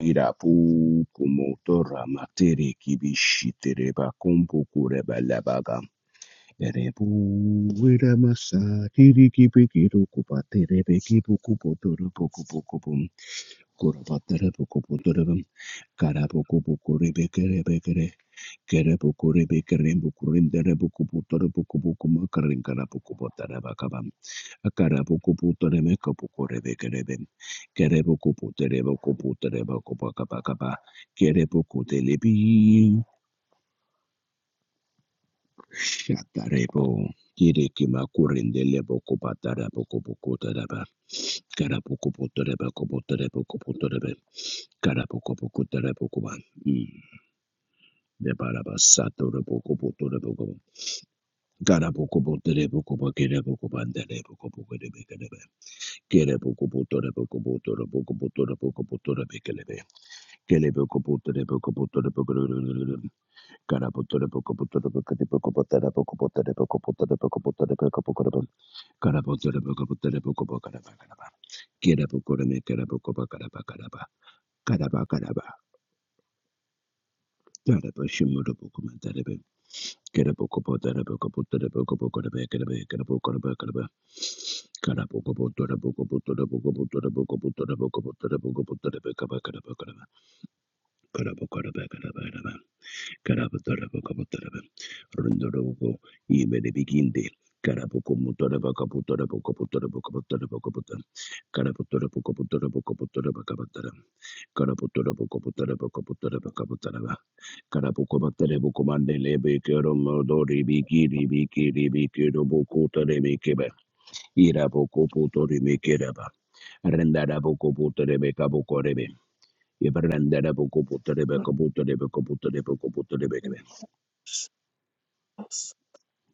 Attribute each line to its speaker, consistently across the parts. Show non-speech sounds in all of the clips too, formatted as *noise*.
Speaker 1: Irapuku motora, materiki bishitere bakumpu kure balabaga. Erebu wira masa tiri kipi kiru kupa tere beki buku potoro buku buku bum kura patere buku potoro pum. kara buku buku ribe kere bekere kere buku ribe kere buku rindere buku potoro buku buku makarin kara buku potara bakabam akara buku potoro meka buku ribe Kerebo kopo terebo kopo terebo kopo kapa kapa. Kerebo kote lebi. Shatarebo. Kirikima kurindele boko batara boko boko taraba. Karaboko botareba kobo tareba kobo tarebe. Karaboko boko tareba koba. Mm. De baraba satora boko boto rebo kobo. Karaboko botareba koba kerebo koba ndarebo kobo kerebe kerebe. Kerebo kobo tareba kobo tarebo kobo tarebo kobo tarebe kerebe. Kerebo kobo tareba kobo tarebo kerebe. Karaba Karabatarabakabataraba. Rondorobo. Iberebiginde. Karabokomotorabakapotorabakapotorabakapotorabakapotorabakapota. Karapotorabakapotorabakapotorabakapotara. Karapotorabokopotorabakapotorabakapotaraba. Karapokobatarebokomandelebekeramodorebikiribikiribikirobokotarabe. Irabokopotorebekeraba. Rendarabokopotorebekabokorebe. Ibarandarabokopotorebekapotorebekapotorebekapotorebekabe.
Speaker 2: Thank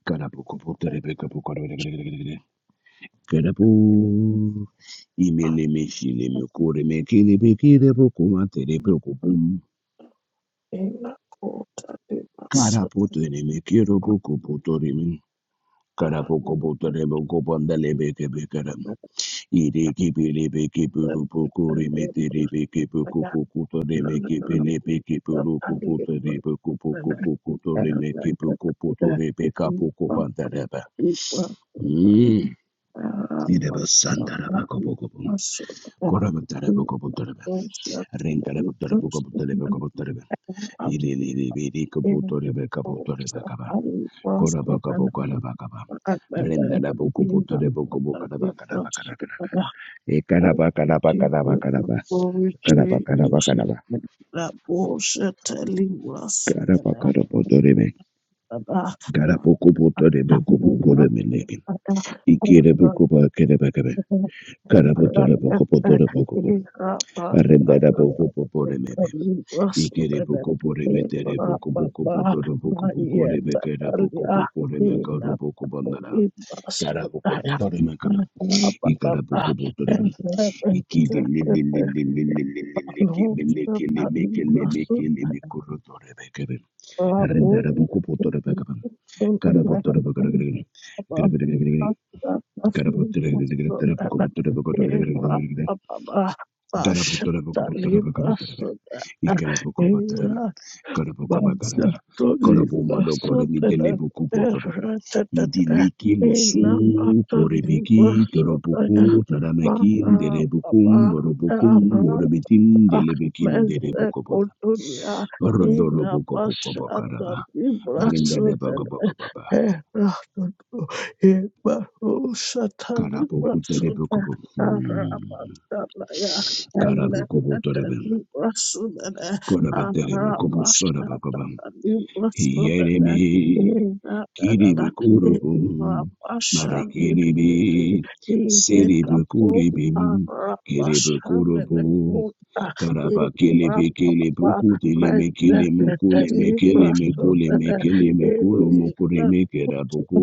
Speaker 1: Karabu. Imele meshile mekore mekele bekere boku matere boku bum. Karapote ne mekero boku potore men. Karapoko potore boku pandale beke bekaram. Ire kepele beke puru boku remetere beke boku boku tore meke pele beke puru boku tore boku boku boku tore meke boku potore beka boku pandaraba. Karabotore boko potore boko bo. Arrendara
Speaker 2: you. Glory to Jesus. La bolsa te libra sunana. Baba.
Speaker 1: boko potore mebe.
Speaker 2: Baba,
Speaker 1: Ikere boko bore metere boko boko botoro boko boko re mekera boko boko re mekaro boko bandara. Kara boko botore mekara. Ikara boko botore mekara. Ikili li li li li li li li li li ki mi li
Speaker 2: Alonso
Speaker 1: ki li mi ki li mi
Speaker 2: Paludoso
Speaker 1: ki li mi kuru tore mekara.
Speaker 2: Rabo
Speaker 1: Rendara boko botore mekara. Kara botore mekara. Kara botore mekara. Kara botore mekara. Kara boko botore mekara. Darabudarabukabutarabukabutaraba. Ikalabukabutaraba. Karabukabakaraba. Karabumanokoramidelebukubutaraba. Idiliki musu
Speaker 2: Ina pata
Speaker 1: korebeki
Speaker 2: libaso da
Speaker 1: korobuku taramakin
Speaker 2: mara
Speaker 1: derebukum borobukum
Speaker 2: baba
Speaker 1: borobitim delebekin
Speaker 2: Mese
Speaker 1: derebukubota.
Speaker 2: kutunia ina mashata
Speaker 1: Rondorobukabukabakaraba.
Speaker 2: libraso tene
Speaker 1: Rendadabakabakababa.
Speaker 2: era tutu ibaru shata libraso tene
Speaker 1: Karabukuterebukabu. Hmm.
Speaker 2: arabashana ya ene ete
Speaker 1: Karabukubutaraba.
Speaker 2: libraso tene
Speaker 1: Korabadere mokobo
Speaker 2: arabashata
Speaker 1: sorabakaba.
Speaker 2: libraso tene
Speaker 1: Yerebe,
Speaker 2: ina gagara
Speaker 1: Kiribe Kurubum,
Speaker 2: irabashana
Speaker 1: Marekiribe,
Speaker 2: likiti ine
Speaker 1: Seribe
Speaker 2: kapo
Speaker 1: Kuribim, Kiribe
Speaker 2: arabashana
Speaker 1: Kurubu,
Speaker 2: librasodene
Speaker 1: Karaba
Speaker 2: Thank
Speaker 1: kele be Kilibe Kilibu Kutilime Kilimo Kulime Kilime Kulime Kilime kera Kurime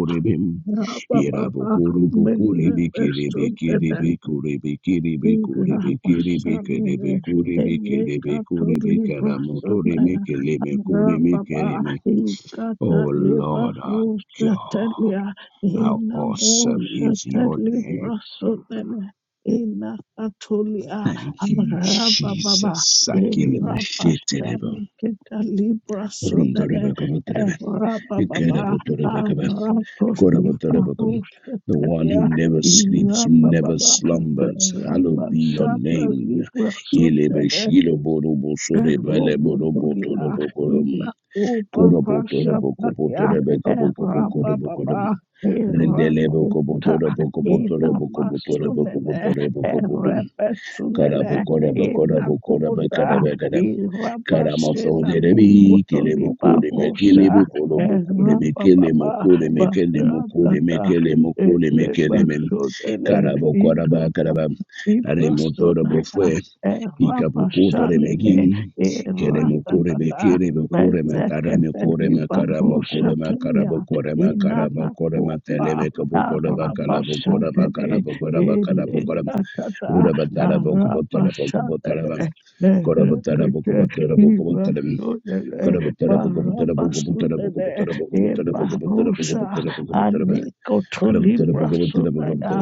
Speaker 1: Kerabum. Oh Lord
Speaker 2: you. Rabba Baba,
Speaker 1: our God, how awesome is your name. Thank you, Jesus.
Speaker 2: Rabba
Speaker 1: Sakilemeshetelebo.
Speaker 2: Baba, Rabba
Speaker 1: The one
Speaker 2: Baba,
Speaker 1: who never sleeps, who never
Speaker 2: Irapapapa,
Speaker 1: slumbers.
Speaker 2: berapa
Speaker 1: Hallowed be your
Speaker 2: sata di Eropopolia,
Speaker 1: name. Ilebeshiloborobosorebaleborobotorobokoromo,
Speaker 2: Imapopapashapalia,
Speaker 1: Korobotorobokobotorobokobotorobokobokorobokorom.
Speaker 2: Erapababa, Erakuta, Inamasunene,
Speaker 1: Rendelebokobotorobokobotorobokobotorobokobotorobokobotorobokobotorom.
Speaker 2: Erepesunene, Inakuta,
Speaker 1: Karabokorabokorabokorabokarabakara. Karamosoderebi, Kilebokode,
Speaker 2: Irapashenanokotolibarusha,
Speaker 1: Mekelebe, Kolobokode, Mekele,
Speaker 2: Erapababa,
Speaker 1: Mokode, Mekele, Mokode,
Speaker 2: Baratata,
Speaker 1: Mekele, Mokode, Mekele, Mem,
Speaker 2: Elemasonene,
Speaker 1: Karabokoraba, Karabam,
Speaker 2: Ibrasum
Speaker 1: Aremotora Bofue, Ikapokuta de
Speaker 2: Rabashanine
Speaker 1: Megin, Kelemokore,
Speaker 2: Ratatata
Speaker 1: Bekere, Bokore,
Speaker 2: Mezekete
Speaker 1: Matarame, Korema, Karamokorema,
Speaker 2: Libaroshatalia
Speaker 1: Karabokorema,
Speaker 2: Inana
Speaker 1: Karamokorema,
Speaker 2: Kopa
Speaker 1: Telebe, Kabokoraba, Kalabokoraba,
Speaker 2: Rabashantine
Speaker 1: Karabokoraba, Karabokoram,
Speaker 2: Ilikatata
Speaker 1: Urabatara, Bokobotora, Bokobotarabam,
Speaker 2: Rabashanine
Speaker 1: Korabatara,
Speaker 2: Nerekete
Speaker 1: Bokobotora, Bokobotaram,
Speaker 2: Ibasunene
Speaker 1: Karabutter,
Speaker 2: Barabasunene Ibarosha Anikoto Librasunaya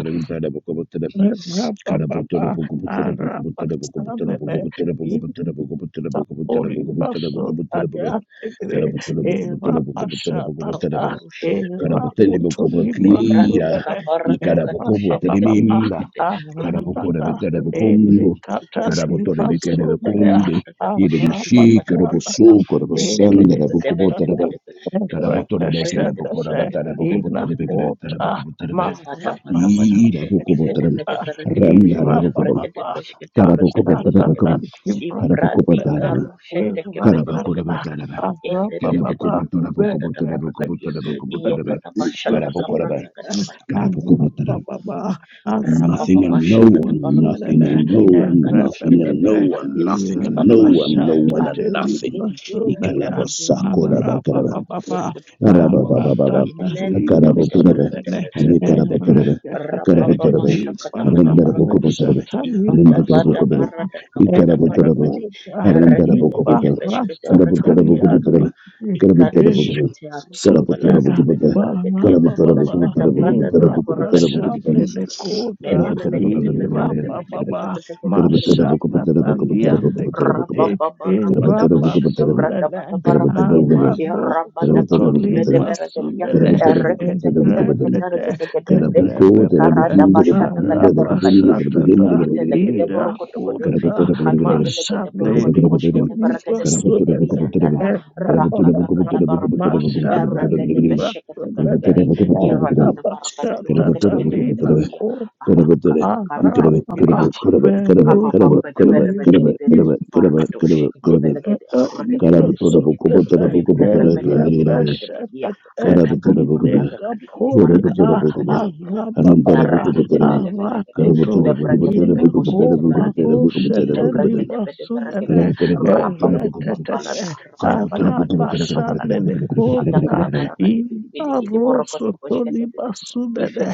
Speaker 1: Karabatana Bokobotana Bokobotana Bokobotanabam.
Speaker 3: Kabarusha de
Speaker 1: Karabotani
Speaker 3: Bedebelekadi, Membrandi
Speaker 1: Bokobakira.
Speaker 3: Kabara da Kadusha
Speaker 1: Ikarabokobo
Speaker 3: de
Speaker 1: Terimimba.
Speaker 3: Kadekadekade,
Speaker 1: Karabokora Betana Bokombo.
Speaker 3: Rukutukurukutukurukutukurukutu,
Speaker 1: Karabotore Bekere
Speaker 3: Ruda da da
Speaker 1: Bokonde.
Speaker 3: da da Basha de
Speaker 1: Idebishi
Speaker 3: Kabada Barakada,
Speaker 1: Karabosu Korabasanda
Speaker 2: Thank
Speaker 1: Bokobotanabam.
Speaker 3: Mendebedebedebedebedebelekade,
Speaker 1: Karabotona
Speaker 3: Imbreke
Speaker 1: Bekela
Speaker 3: de
Speaker 1: Bokora
Speaker 2: Rekashata
Speaker 1: Batana Bokobotana
Speaker 3: Bishkete
Speaker 1: Bekana
Speaker 2: Imakota
Speaker 1: Bokobotana.
Speaker 3: Ivada Manabadi,
Speaker 1: Ida
Speaker 3: Ivede
Speaker 1: Bokobotanam.
Speaker 2: Maharapashanikota
Speaker 3: Vede Veregedi,
Speaker 1: Randa Bokobam.
Speaker 3: Levregede
Speaker 2: Irababa
Speaker 3: Beshkete Bregede
Speaker 2: Mastata
Speaker 3: Belegede,
Speaker 1: Karabokobotanabam.
Speaker 3: Imbradi
Speaker 2: Ibratunene
Speaker 1: Karabokobotanabam.
Speaker 3: Karu Sheteke Bede
Speaker 2: Irahata
Speaker 3: Belegedi,
Speaker 1: Karabakurabandalaba.
Speaker 3: Inde de de de
Speaker 2: Arababa
Speaker 3: de Dunda de de Baragadia, Iye
Speaker 2: Vesekata
Speaker 1: Karabukubuntarabukubuntarabukubuntarabukubuntarabu.
Speaker 3: Kataba Shataka
Speaker 1: Karabukuraba.
Speaker 3: Bragada
Speaker 2: Ibrasunene
Speaker 3: Baragada.
Speaker 1: Karabukubuntara.
Speaker 2: Arababa
Speaker 1: Nothing
Speaker 2: Asata
Speaker 1: and no
Speaker 3: Rapapapashakata
Speaker 1: one,
Speaker 3: barakati.
Speaker 1: nothing
Speaker 2: Ibrasunene
Speaker 1: and no one,
Speaker 3: Librakati
Speaker 1: nothing and no
Speaker 2: Erebebebe
Speaker 3: shkatakati
Speaker 1: one,
Speaker 3: barakati
Speaker 1: nothing
Speaker 3: kiti
Speaker 1: and no
Speaker 3: barakati ya.
Speaker 1: one, no
Speaker 2: Irabashata
Speaker 1: one and
Speaker 3: Arutu
Speaker 1: nothing.
Speaker 3: kutu kutu
Speaker 2: Ibrasunene
Speaker 3: kutu kutu kutu kutu kutu kutu
Speaker 2: Arababa,
Speaker 3: kutu kutu kutu.
Speaker 2: Maratata,
Speaker 3: Inenende
Speaker 2: Lima,
Speaker 3: lebede barakati
Speaker 2: Sudene,
Speaker 3: bebede bede.
Speaker 2: Erekete,
Speaker 3: Rapapapashakata bada barakati.
Speaker 2: Ibarabosa,
Speaker 3: Ifata
Speaker 2: Talibra,
Speaker 3: bada
Speaker 2: Sudena,
Speaker 3: barada kabada barakati.
Speaker 2: Erekoda,
Speaker 3: Erebede kete peshkete
Speaker 2: Ibarasa,
Speaker 3: barakati bele
Speaker 2: Talia,
Speaker 3: kaba. Ikati
Speaker 2: de
Speaker 3: shkete arutu
Speaker 2: Sutaka
Speaker 3: balande bede barakati
Speaker 2: Bana
Speaker 3: ya.
Speaker 2: Baba
Speaker 3: Ashkata brada tata
Speaker 2: Irapa
Speaker 3: barakati kiti
Speaker 2: Shate
Speaker 3: kiti Nene
Speaker 2: Dakota
Speaker 3: mene kete pete pete
Speaker 2: Irapa
Speaker 3: pete pete
Speaker 2: Baba
Speaker 3: pete pete pete pete.
Speaker 2: Mashata Talian de
Speaker 3: rabba
Speaker 2: Kete
Speaker 3: ba ba rabba da ba
Speaker 2: Irapa
Speaker 3: shada bra da
Speaker 2: Sunene
Speaker 3: dia Eh,
Speaker 2: Amado
Speaker 3: rabba da
Speaker 2: Sutoli
Speaker 1: Karabatadabakabataran.
Speaker 3: dia
Speaker 2: Masunene
Speaker 3: Eh, re ke te
Speaker 1: Karabatadabakabatadan.
Speaker 2: Egrete
Speaker 1: Karaboko,
Speaker 3: ikara
Speaker 2: Erepepepe
Speaker 3: da
Speaker 1: Telebekin,
Speaker 3: ba shada
Speaker 1: Telebukumba, the
Speaker 2: Arapa
Speaker 3: di ize
Speaker 1: Kabumba, the
Speaker 3: ke
Speaker 1: Badun, the
Speaker 2: Satata Iraputa
Speaker 1: Garabatadabakabatadan.
Speaker 2: Mashane
Speaker 1: Karabatadabakabatadan.
Speaker 2: Kutuli
Speaker 3: di di
Speaker 2: Masunene
Speaker 3: yanda
Speaker 1: Karabatadabakabatadan.
Speaker 3: da ra
Speaker 2: Erapa
Speaker 3: ka
Speaker 1: Karabatadabakabatadan.
Speaker 2: Masha Libra Bene
Speaker 1: Karabatadabakabatadan.
Speaker 2: Catalina
Speaker 1: Karabatadabakabatadan. Karabatadabakabatadan.
Speaker 2: Copa
Speaker 3: aruka
Speaker 1: Karabatera,
Speaker 3: ka ka
Speaker 2: Araba
Speaker 1: Karaba,
Speaker 3: ra
Speaker 1: Karaba, Karaba,
Speaker 2: Peru
Speaker 1: Karaba,
Speaker 3: Kapapambada
Speaker 1: Karaba, Karaba,
Speaker 2: Cotonia
Speaker 1: Karaba,
Speaker 3: berbegede berikiti
Speaker 1: Karaba, Karaba,
Speaker 3: barakadosh kete
Speaker 1: Karaba,
Speaker 3: belegede rakete
Speaker 1: Karaba,
Speaker 3: kete
Speaker 1: Karabutora,
Speaker 3: kete
Speaker 2: Alibraso
Speaker 3: kete
Speaker 1: Bukobotara,
Speaker 2: ele
Speaker 3: Membre pete pete
Speaker 1: Bukobotara,
Speaker 3: parakete kia
Speaker 2: rebeshete
Speaker 1: Kara putra
Speaker 3: akakaku
Speaker 2: ine
Speaker 1: nabukuba,
Speaker 3: akakakadi kidi
Speaker 1: bora
Speaker 2: kaponi
Speaker 3: parakata
Speaker 1: putra
Speaker 2: a
Speaker 3: parakata
Speaker 1: nabukuba,
Speaker 2: araba
Speaker 1: ananta
Speaker 2: baba
Speaker 1: nabukuba ananta, kara
Speaker 2: arakoto
Speaker 1: putra nabukuba putra
Speaker 2: ina
Speaker 1: nabukuba putra
Speaker 2: kopa
Speaker 1: nabukuba putra
Speaker 2: roshete
Speaker 1: nabukuba putra nabukuba,
Speaker 2: librasun
Speaker 1: kara
Speaker 2: ele
Speaker 1: putra nabukuba putra nabukuba,
Speaker 2: eretete
Speaker 1: kara putra nabukuba
Speaker 2: araba
Speaker 1: kara kara kara kara
Speaker 2: shane
Speaker 1: kara kara kara
Speaker 2: nekota
Speaker 1: kara kara kara kara.
Speaker 2: ina roso to librasun ele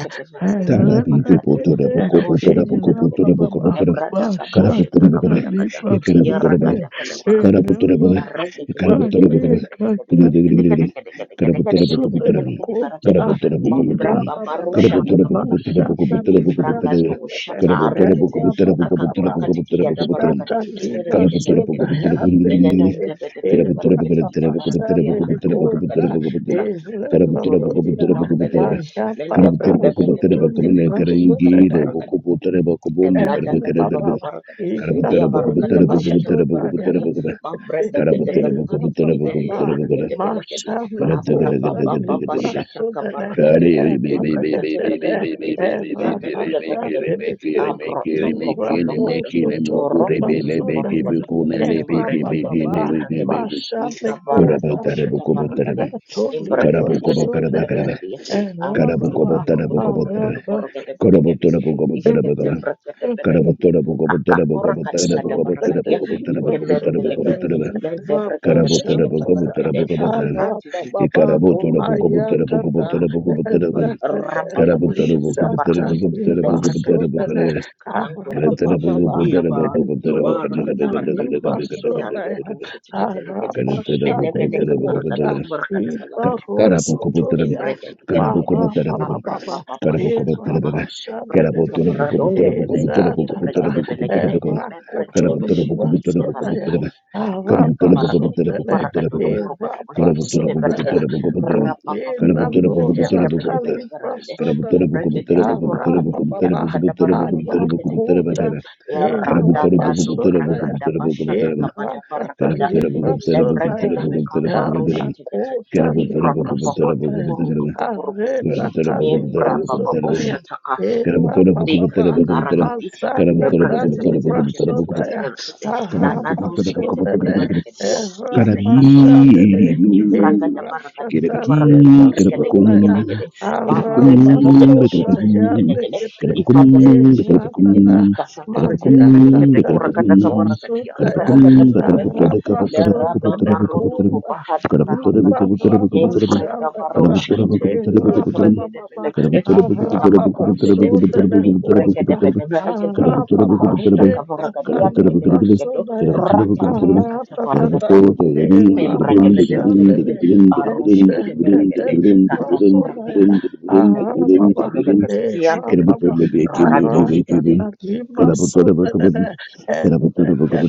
Speaker 2: erebekete Bababaye kazani sudana kota
Speaker 3: Mambra
Speaker 2: ira
Speaker 3: babaro
Speaker 2: bababa
Speaker 3: shata kabalakadi.
Speaker 2: mashata lima
Speaker 3: Ifranga do
Speaker 2: sudana
Speaker 3: shata arikete.
Speaker 2: era bababa
Speaker 3: Kakakura kadiki yada
Speaker 1: Karabutura
Speaker 2: mashata
Speaker 3: barakadi kidi
Speaker 1: Karabutura
Speaker 2: lima
Speaker 3: berekede berekedi.
Speaker 2: sudana
Speaker 3: Menendam
Speaker 2: andekete
Speaker 3: debe debe debe
Speaker 2: era
Speaker 3: berekedi kidi barakadi
Speaker 2: babashane
Speaker 3: yala kata
Speaker 2: kota
Speaker 3: barakadi.
Speaker 2: era
Speaker 3: Kakukuru
Speaker 2: babalia
Speaker 3: kutuku bambelede.
Speaker 2: maya
Speaker 3: Mende
Speaker 2: baba
Speaker 3: brebe bebe
Speaker 2: sutuli
Speaker 3: berekede aruta kata
Speaker 2: masudana
Speaker 3: barakadi. Ebrada kadiba
Speaker 2: Erababa,
Speaker 3: kubarakada. Ia barakada
Speaker 2: ikatolima
Speaker 3: bashata
Speaker 2: soda
Speaker 3: kubarakadia.
Speaker 2: yantekete,
Speaker 3: Mambrada gede berakadi kidi beli
Speaker 2: erababa,
Speaker 3: berakade belakadi.
Speaker 2: masala
Speaker 3: Abra
Speaker 2: kota
Speaker 3: baba baba
Speaker 2: libra
Speaker 3: shata
Speaker 1: Karabu
Speaker 2: sodene,
Speaker 3: kubarakada. Ia berakade beli
Speaker 2: eratetete,
Speaker 3: berakadi kidi yanda bede
Speaker 2: erabasa
Speaker 3: berakadi.
Speaker 2: tebeko,
Speaker 3: Abra toko bolokodo.
Speaker 2: ibraposo tolima
Speaker 3: Koroto toto
Speaker 2: sodene,
Speaker 3: korokodo. Umbrete de bede
Speaker 2: erababa,
Speaker 3: berakadi.
Speaker 2: masale
Speaker 3: Lika
Speaker 2: kota,
Speaker 3: barado shata barakadi.
Speaker 2: ikatolibra
Speaker 3: Nimbrakade belakadi
Speaker 2: sodene,
Speaker 3: belakadi. Abra
Speaker 2: erababa,
Speaker 3: toko borokodo borokodo
Speaker 2: arababa,
Speaker 3: berakadi belakadi ishkete brekete belekedi kakapura kada kada barakadia ikembembelekedi lende brekete beshkete brekete aradi
Speaker 1: Ikarabotora
Speaker 3: tututututurukuti
Speaker 1: bukobutora
Speaker 3: kurukuti
Speaker 1: bukobutora
Speaker 3: lukurukuti
Speaker 1: bukobutora
Speaker 3: kurukuti rabababa
Speaker 1: Karabutora
Speaker 3: shata
Speaker 1: bukobutora
Speaker 3: kabarakadi
Speaker 1: bukobutora
Speaker 3: le
Speaker 1: bukobutora
Speaker 3: brekete
Speaker 1: bukobutora
Speaker 3: berekedi kakangurkuti
Speaker 1: Karatara bukobutora
Speaker 3: iyaba
Speaker 1: bukobutora
Speaker 3: kabarakata
Speaker 1: bukobutora
Speaker 3: harakata harakete harakatu
Speaker 1: bukobutora
Speaker 3: shetikete lekete
Speaker 1: Karatara
Speaker 3: mene mene
Speaker 1: bukobutora
Speaker 3: kabarakatu
Speaker 1: bukobutora
Speaker 3: kubarakada
Speaker 1: Karatara bukobutora
Speaker 3: Embregedegedegede.
Speaker 1: Karabukobutora
Speaker 2: Baba, Eva
Speaker 3: Abrapapapashatakapa.
Speaker 1: bukobutora
Speaker 2: Basha
Speaker 1: Karabukobutora bukobutora Karabutora
Speaker 2: Menene,
Speaker 1: bukobutora
Speaker 3: Kabradikaburadondedebe.
Speaker 1: bukobutora bukobutora
Speaker 2: Ezatata,
Speaker 1: bukobutora
Speaker 3: Embregedebelegede.
Speaker 1: bukobutora Karabutora bukobutora
Speaker 2: Rakotolibrasonaya,
Speaker 3: Membregedebeshiketebedevaregede.
Speaker 1: bukobutora Karabutora bukobutora bukobutora
Speaker 2: Arabasonene,
Speaker 1: bukobutora Kara putora poko
Speaker 2: Erabasonaya,
Speaker 3: Arudakvaragadikidiparagadonokurokodokoshiketebedevaregedi.
Speaker 1: putora poko putora kara putora poko
Speaker 3: Rapapapapomtebede.
Speaker 1: putora poko putara
Speaker 3: Rebedebedevaregede.
Speaker 1: kara putora
Speaker 2: Dolinanosatalibasonene,
Speaker 1: poko putora poko putara
Speaker 2: Arababa,
Speaker 1: poko putara poko putara poko putara poko putara
Speaker 2: Arakota,
Speaker 3: Lebregedebekorakadikiyalakatabarakadiaregedegedegede.
Speaker 1: pakaara kara putora poko putora poko
Speaker 2: Erabasonaya,
Speaker 1: putora poko putara kara
Speaker 3: Eradadadorakatabashatakabadabarakada.
Speaker 1: putora poko putara poko putara
Speaker 2: Eratatalibrasonaya,
Speaker 1: poko
Speaker 3: Lebregedebekamarushetigetegede.
Speaker 1: putara
Speaker 3: He brought
Speaker 1: poko
Speaker 3: up a cut to
Speaker 2: Arakotalibrasonaya,
Speaker 3: Kuruku
Speaker 1: putara
Speaker 3: Kuruku,
Speaker 1: kara putora poko putara
Speaker 3: Membra
Speaker 1: poko
Speaker 3: Baba
Speaker 1: putara
Speaker 2: Aretatalibrasonaya,
Speaker 3: Boshataka
Speaker 1: kara putora poko
Speaker 2: Erababa,
Speaker 1: putara poko putara
Speaker 3: Dekakakarakadi,
Speaker 2: Mazakata
Speaker 1: kara putora poko putara poko putara
Speaker 2: Librasodaya
Speaker 3: ilebreketebetebetebetebeteberekete,
Speaker 1: Karabutura
Speaker 2: Arabasodene
Speaker 3: nananoshketebedeberekedia, ivekatoshketebe,
Speaker 2: Erabashanene Eratata
Speaker 3: ifragadabarakadigidibarakada,
Speaker 2: Librasodaya
Speaker 3: rekedegedegedegede,
Speaker 2: Arabasota
Speaker 3: mamrebebedebesheteketebenegede,
Speaker 2: Yandikete
Speaker 3: ifadakadishetekete,
Speaker 2: Eratata Mariakata
Speaker 3: kakakureketebenekedekurakadakabarakadia,
Speaker 2: Librasodaya
Speaker 3: rakadakadabarakadia,
Speaker 2: Arabasodene Kuta
Speaker 3: lerababarodokobahatahafadi,
Speaker 2: Librasodaya
Speaker 3: embrekabaroshkete,
Speaker 2: Erababa
Speaker 3: kebrekedebelekede,
Speaker 2: Arabasodene Kuta
Speaker 3: Mibregedebedeberegedia, arudakabaragadianegedeberegedo,
Speaker 2: Arapapashekatalimbasodaya.
Speaker 1: Karabutora bukubotara,
Speaker 2: Aratatata.
Speaker 3: ratatatakatabaragada,
Speaker 2: Erapashanene.
Speaker 3: embregebedebelegede, arushketebelegede,
Speaker 2: Enteketelimbasodaya.
Speaker 3: kataturaketa,
Speaker 2: Arababa.
Speaker 3: radosh
Speaker 2: Erababa.
Speaker 3: radoshkete,
Speaker 2: Aratatalimbasodene.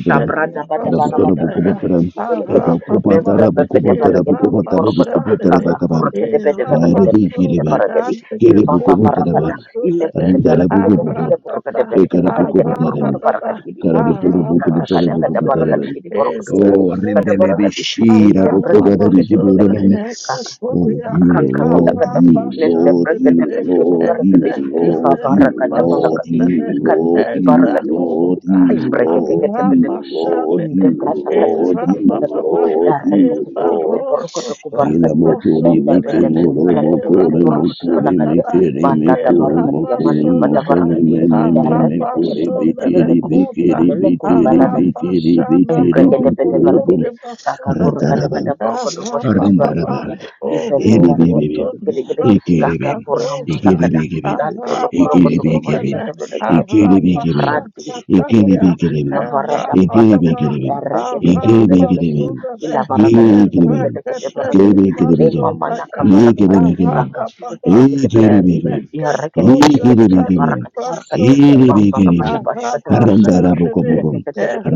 Speaker 3: Shabrada bada bara bada bara kadi sidi bele gede.
Speaker 1: eba
Speaker 2: Arapapaba.
Speaker 3: Membra
Speaker 1: kubotara,
Speaker 3: bede bara
Speaker 1: bukubotara,
Speaker 3: kedi kidi
Speaker 1: bukubotara,
Speaker 3: porokoto.
Speaker 1: bukubotara
Speaker 2: Erapashanene.
Speaker 3: Kaka
Speaker 1: bakaba.
Speaker 3: kura kede bede bara kede
Speaker 1: Aribi
Speaker 3: besh kede
Speaker 1: Kiribi,
Speaker 3: bara
Speaker 2: Erapasodaya.
Speaker 3: kedi.
Speaker 1: Kiribu
Speaker 3: Ifa fa fara
Speaker 1: Kubutaraba,
Speaker 3: fada. Ile
Speaker 2: Antekepulimbasodaya.
Speaker 3: kede bara
Speaker 1: Rindarabu
Speaker 3: kede bede
Speaker 1: Kubutu,
Speaker 3: kede porokede
Speaker 2: Aratata,
Speaker 3: besh kede
Speaker 1: Ekarabu
Speaker 3: bele gede porokoto
Speaker 1: Kubataraba,
Speaker 3: bara kadi
Speaker 2: aratatata,
Speaker 3: kidi kidi.
Speaker 1: Karabuturu
Speaker 3: Kaka kada
Speaker 1: Bukubutarabu
Speaker 3: kada bara
Speaker 2: arapashandere,
Speaker 1: Kubataraba.
Speaker 3: kadi kidi porokoto.
Speaker 1: Oh,
Speaker 3: Kada bara
Speaker 1: Rindelebi
Speaker 2: ezakota,
Speaker 3: kadi.
Speaker 1: Shira
Speaker 3: Ile breke kede
Speaker 1: Bukubarabi
Speaker 3: gede bele
Speaker 2: arapapasondere,
Speaker 1: Kiburaman.
Speaker 3: kedi. Kaka
Speaker 1: Oh,
Speaker 2: etekomia,
Speaker 1: you
Speaker 3: kanka kala
Speaker 1: Lord,
Speaker 3: kada.
Speaker 1: you
Speaker 3: Nende
Speaker 1: Lord,
Speaker 2: arapashandere,
Speaker 3: breke kede
Speaker 1: you
Speaker 3: besh kede
Speaker 1: Lord,
Speaker 3: bara kedi.
Speaker 1: you
Speaker 2: ezekete
Speaker 3: Ifa
Speaker 1: Lord,
Speaker 3: fara kada pala kadi.
Speaker 1: you
Speaker 2: limasondere,
Speaker 3: Ikadi
Speaker 1: Lord,
Speaker 3: kidi
Speaker 1: you
Speaker 3: bara
Speaker 1: Lord,
Speaker 2: ezakota,
Speaker 1: you Lord, you Lord, you
Speaker 3: Breketeketepeleketi,
Speaker 1: Lord,
Speaker 2: arapashandere,
Speaker 1: you Lord, you Lord, you
Speaker 3: indebratakatushketebreketi,
Speaker 2: erapapapa,
Speaker 1: Lord, you Lord,
Speaker 2: ebarosoto
Speaker 1: Yela
Speaker 3: ereketeketeketeborokotokoborokotia,
Speaker 1: mokori
Speaker 2: limasondere,
Speaker 1: meke moro mokore mokore
Speaker 3: elebetebetebereketeketeborokotokolakadia,
Speaker 2: erapashandata,
Speaker 1: meke re mekoro
Speaker 3: mandadabarokotia,
Speaker 1: mokore
Speaker 3: kumbala
Speaker 2: Erabasodaya,
Speaker 1: mokore me me me me kore beke re beke
Speaker 2: Arabasomelekota,
Speaker 1: re beke re
Speaker 3: ereketeketekelepeleketi,
Speaker 1: beke re
Speaker 2: Arabashana
Speaker 1: beke re
Speaker 2: no
Speaker 3: Embregede bede
Speaker 1: mekoro bum.
Speaker 2: Kotone
Speaker 3: beregede kaka kuru
Speaker 2: Basumele,
Speaker 3: kata
Speaker 1: Rendaraba,
Speaker 3: kata burukudu boshkete
Speaker 1: Rendaraba,
Speaker 2: Arababa,
Speaker 3: beregede ifefe beregede
Speaker 1: Hilibibibim,
Speaker 3: gede
Speaker 2: Orokotoni
Speaker 3: gede gede kaka
Speaker 2: Basunda
Speaker 1: Ikilibim,
Speaker 3: kuramba
Speaker 2: Dosha,
Speaker 3: lakada
Speaker 1: Ikilibikibim,
Speaker 3: gando lokurukudu
Speaker 1: Ikilibikibim,
Speaker 3: kuboshkete
Speaker 2: Arabasumele,
Speaker 3: beregede
Speaker 1: Ikilibikibim,
Speaker 3: ivrati shkete
Speaker 2: Arabashakatalia,
Speaker 1: Ikilibikibim,
Speaker 3: bikavara dambalada
Speaker 2: Arababa,
Speaker 1: Ikilibikibim,
Speaker 3: eregede gede beregede ya
Speaker 1: Ikilibikibim,
Speaker 3: ila
Speaker 2: Arabasumele,
Speaker 1: Ikilibikibim,
Speaker 3: barakatu shkete
Speaker 1: Ikilibikibim,
Speaker 3: beregede
Speaker 2: Erekete
Speaker 3: beregede
Speaker 2: Lima
Speaker 3: ne
Speaker 1: Ikilibikibim,
Speaker 3: mama
Speaker 2: Sodaya,
Speaker 3: nakabarakada kaka kuru
Speaker 2: Arababa,
Speaker 3: kete kete beregede
Speaker 1: Ikilibikibim,
Speaker 3: iharekete kete
Speaker 2: Eneketosha
Speaker 3: kete kete
Speaker 1: Ikilibikibim,
Speaker 3: barakate
Speaker 2: talibra
Speaker 3: barakate
Speaker 2: sodene.
Speaker 3: bambara bada
Speaker 1: Ikilibikibim,
Speaker 3: bashkete barakate Kakak
Speaker 2: Arabashandene.
Speaker 1: Rendarabukobobom,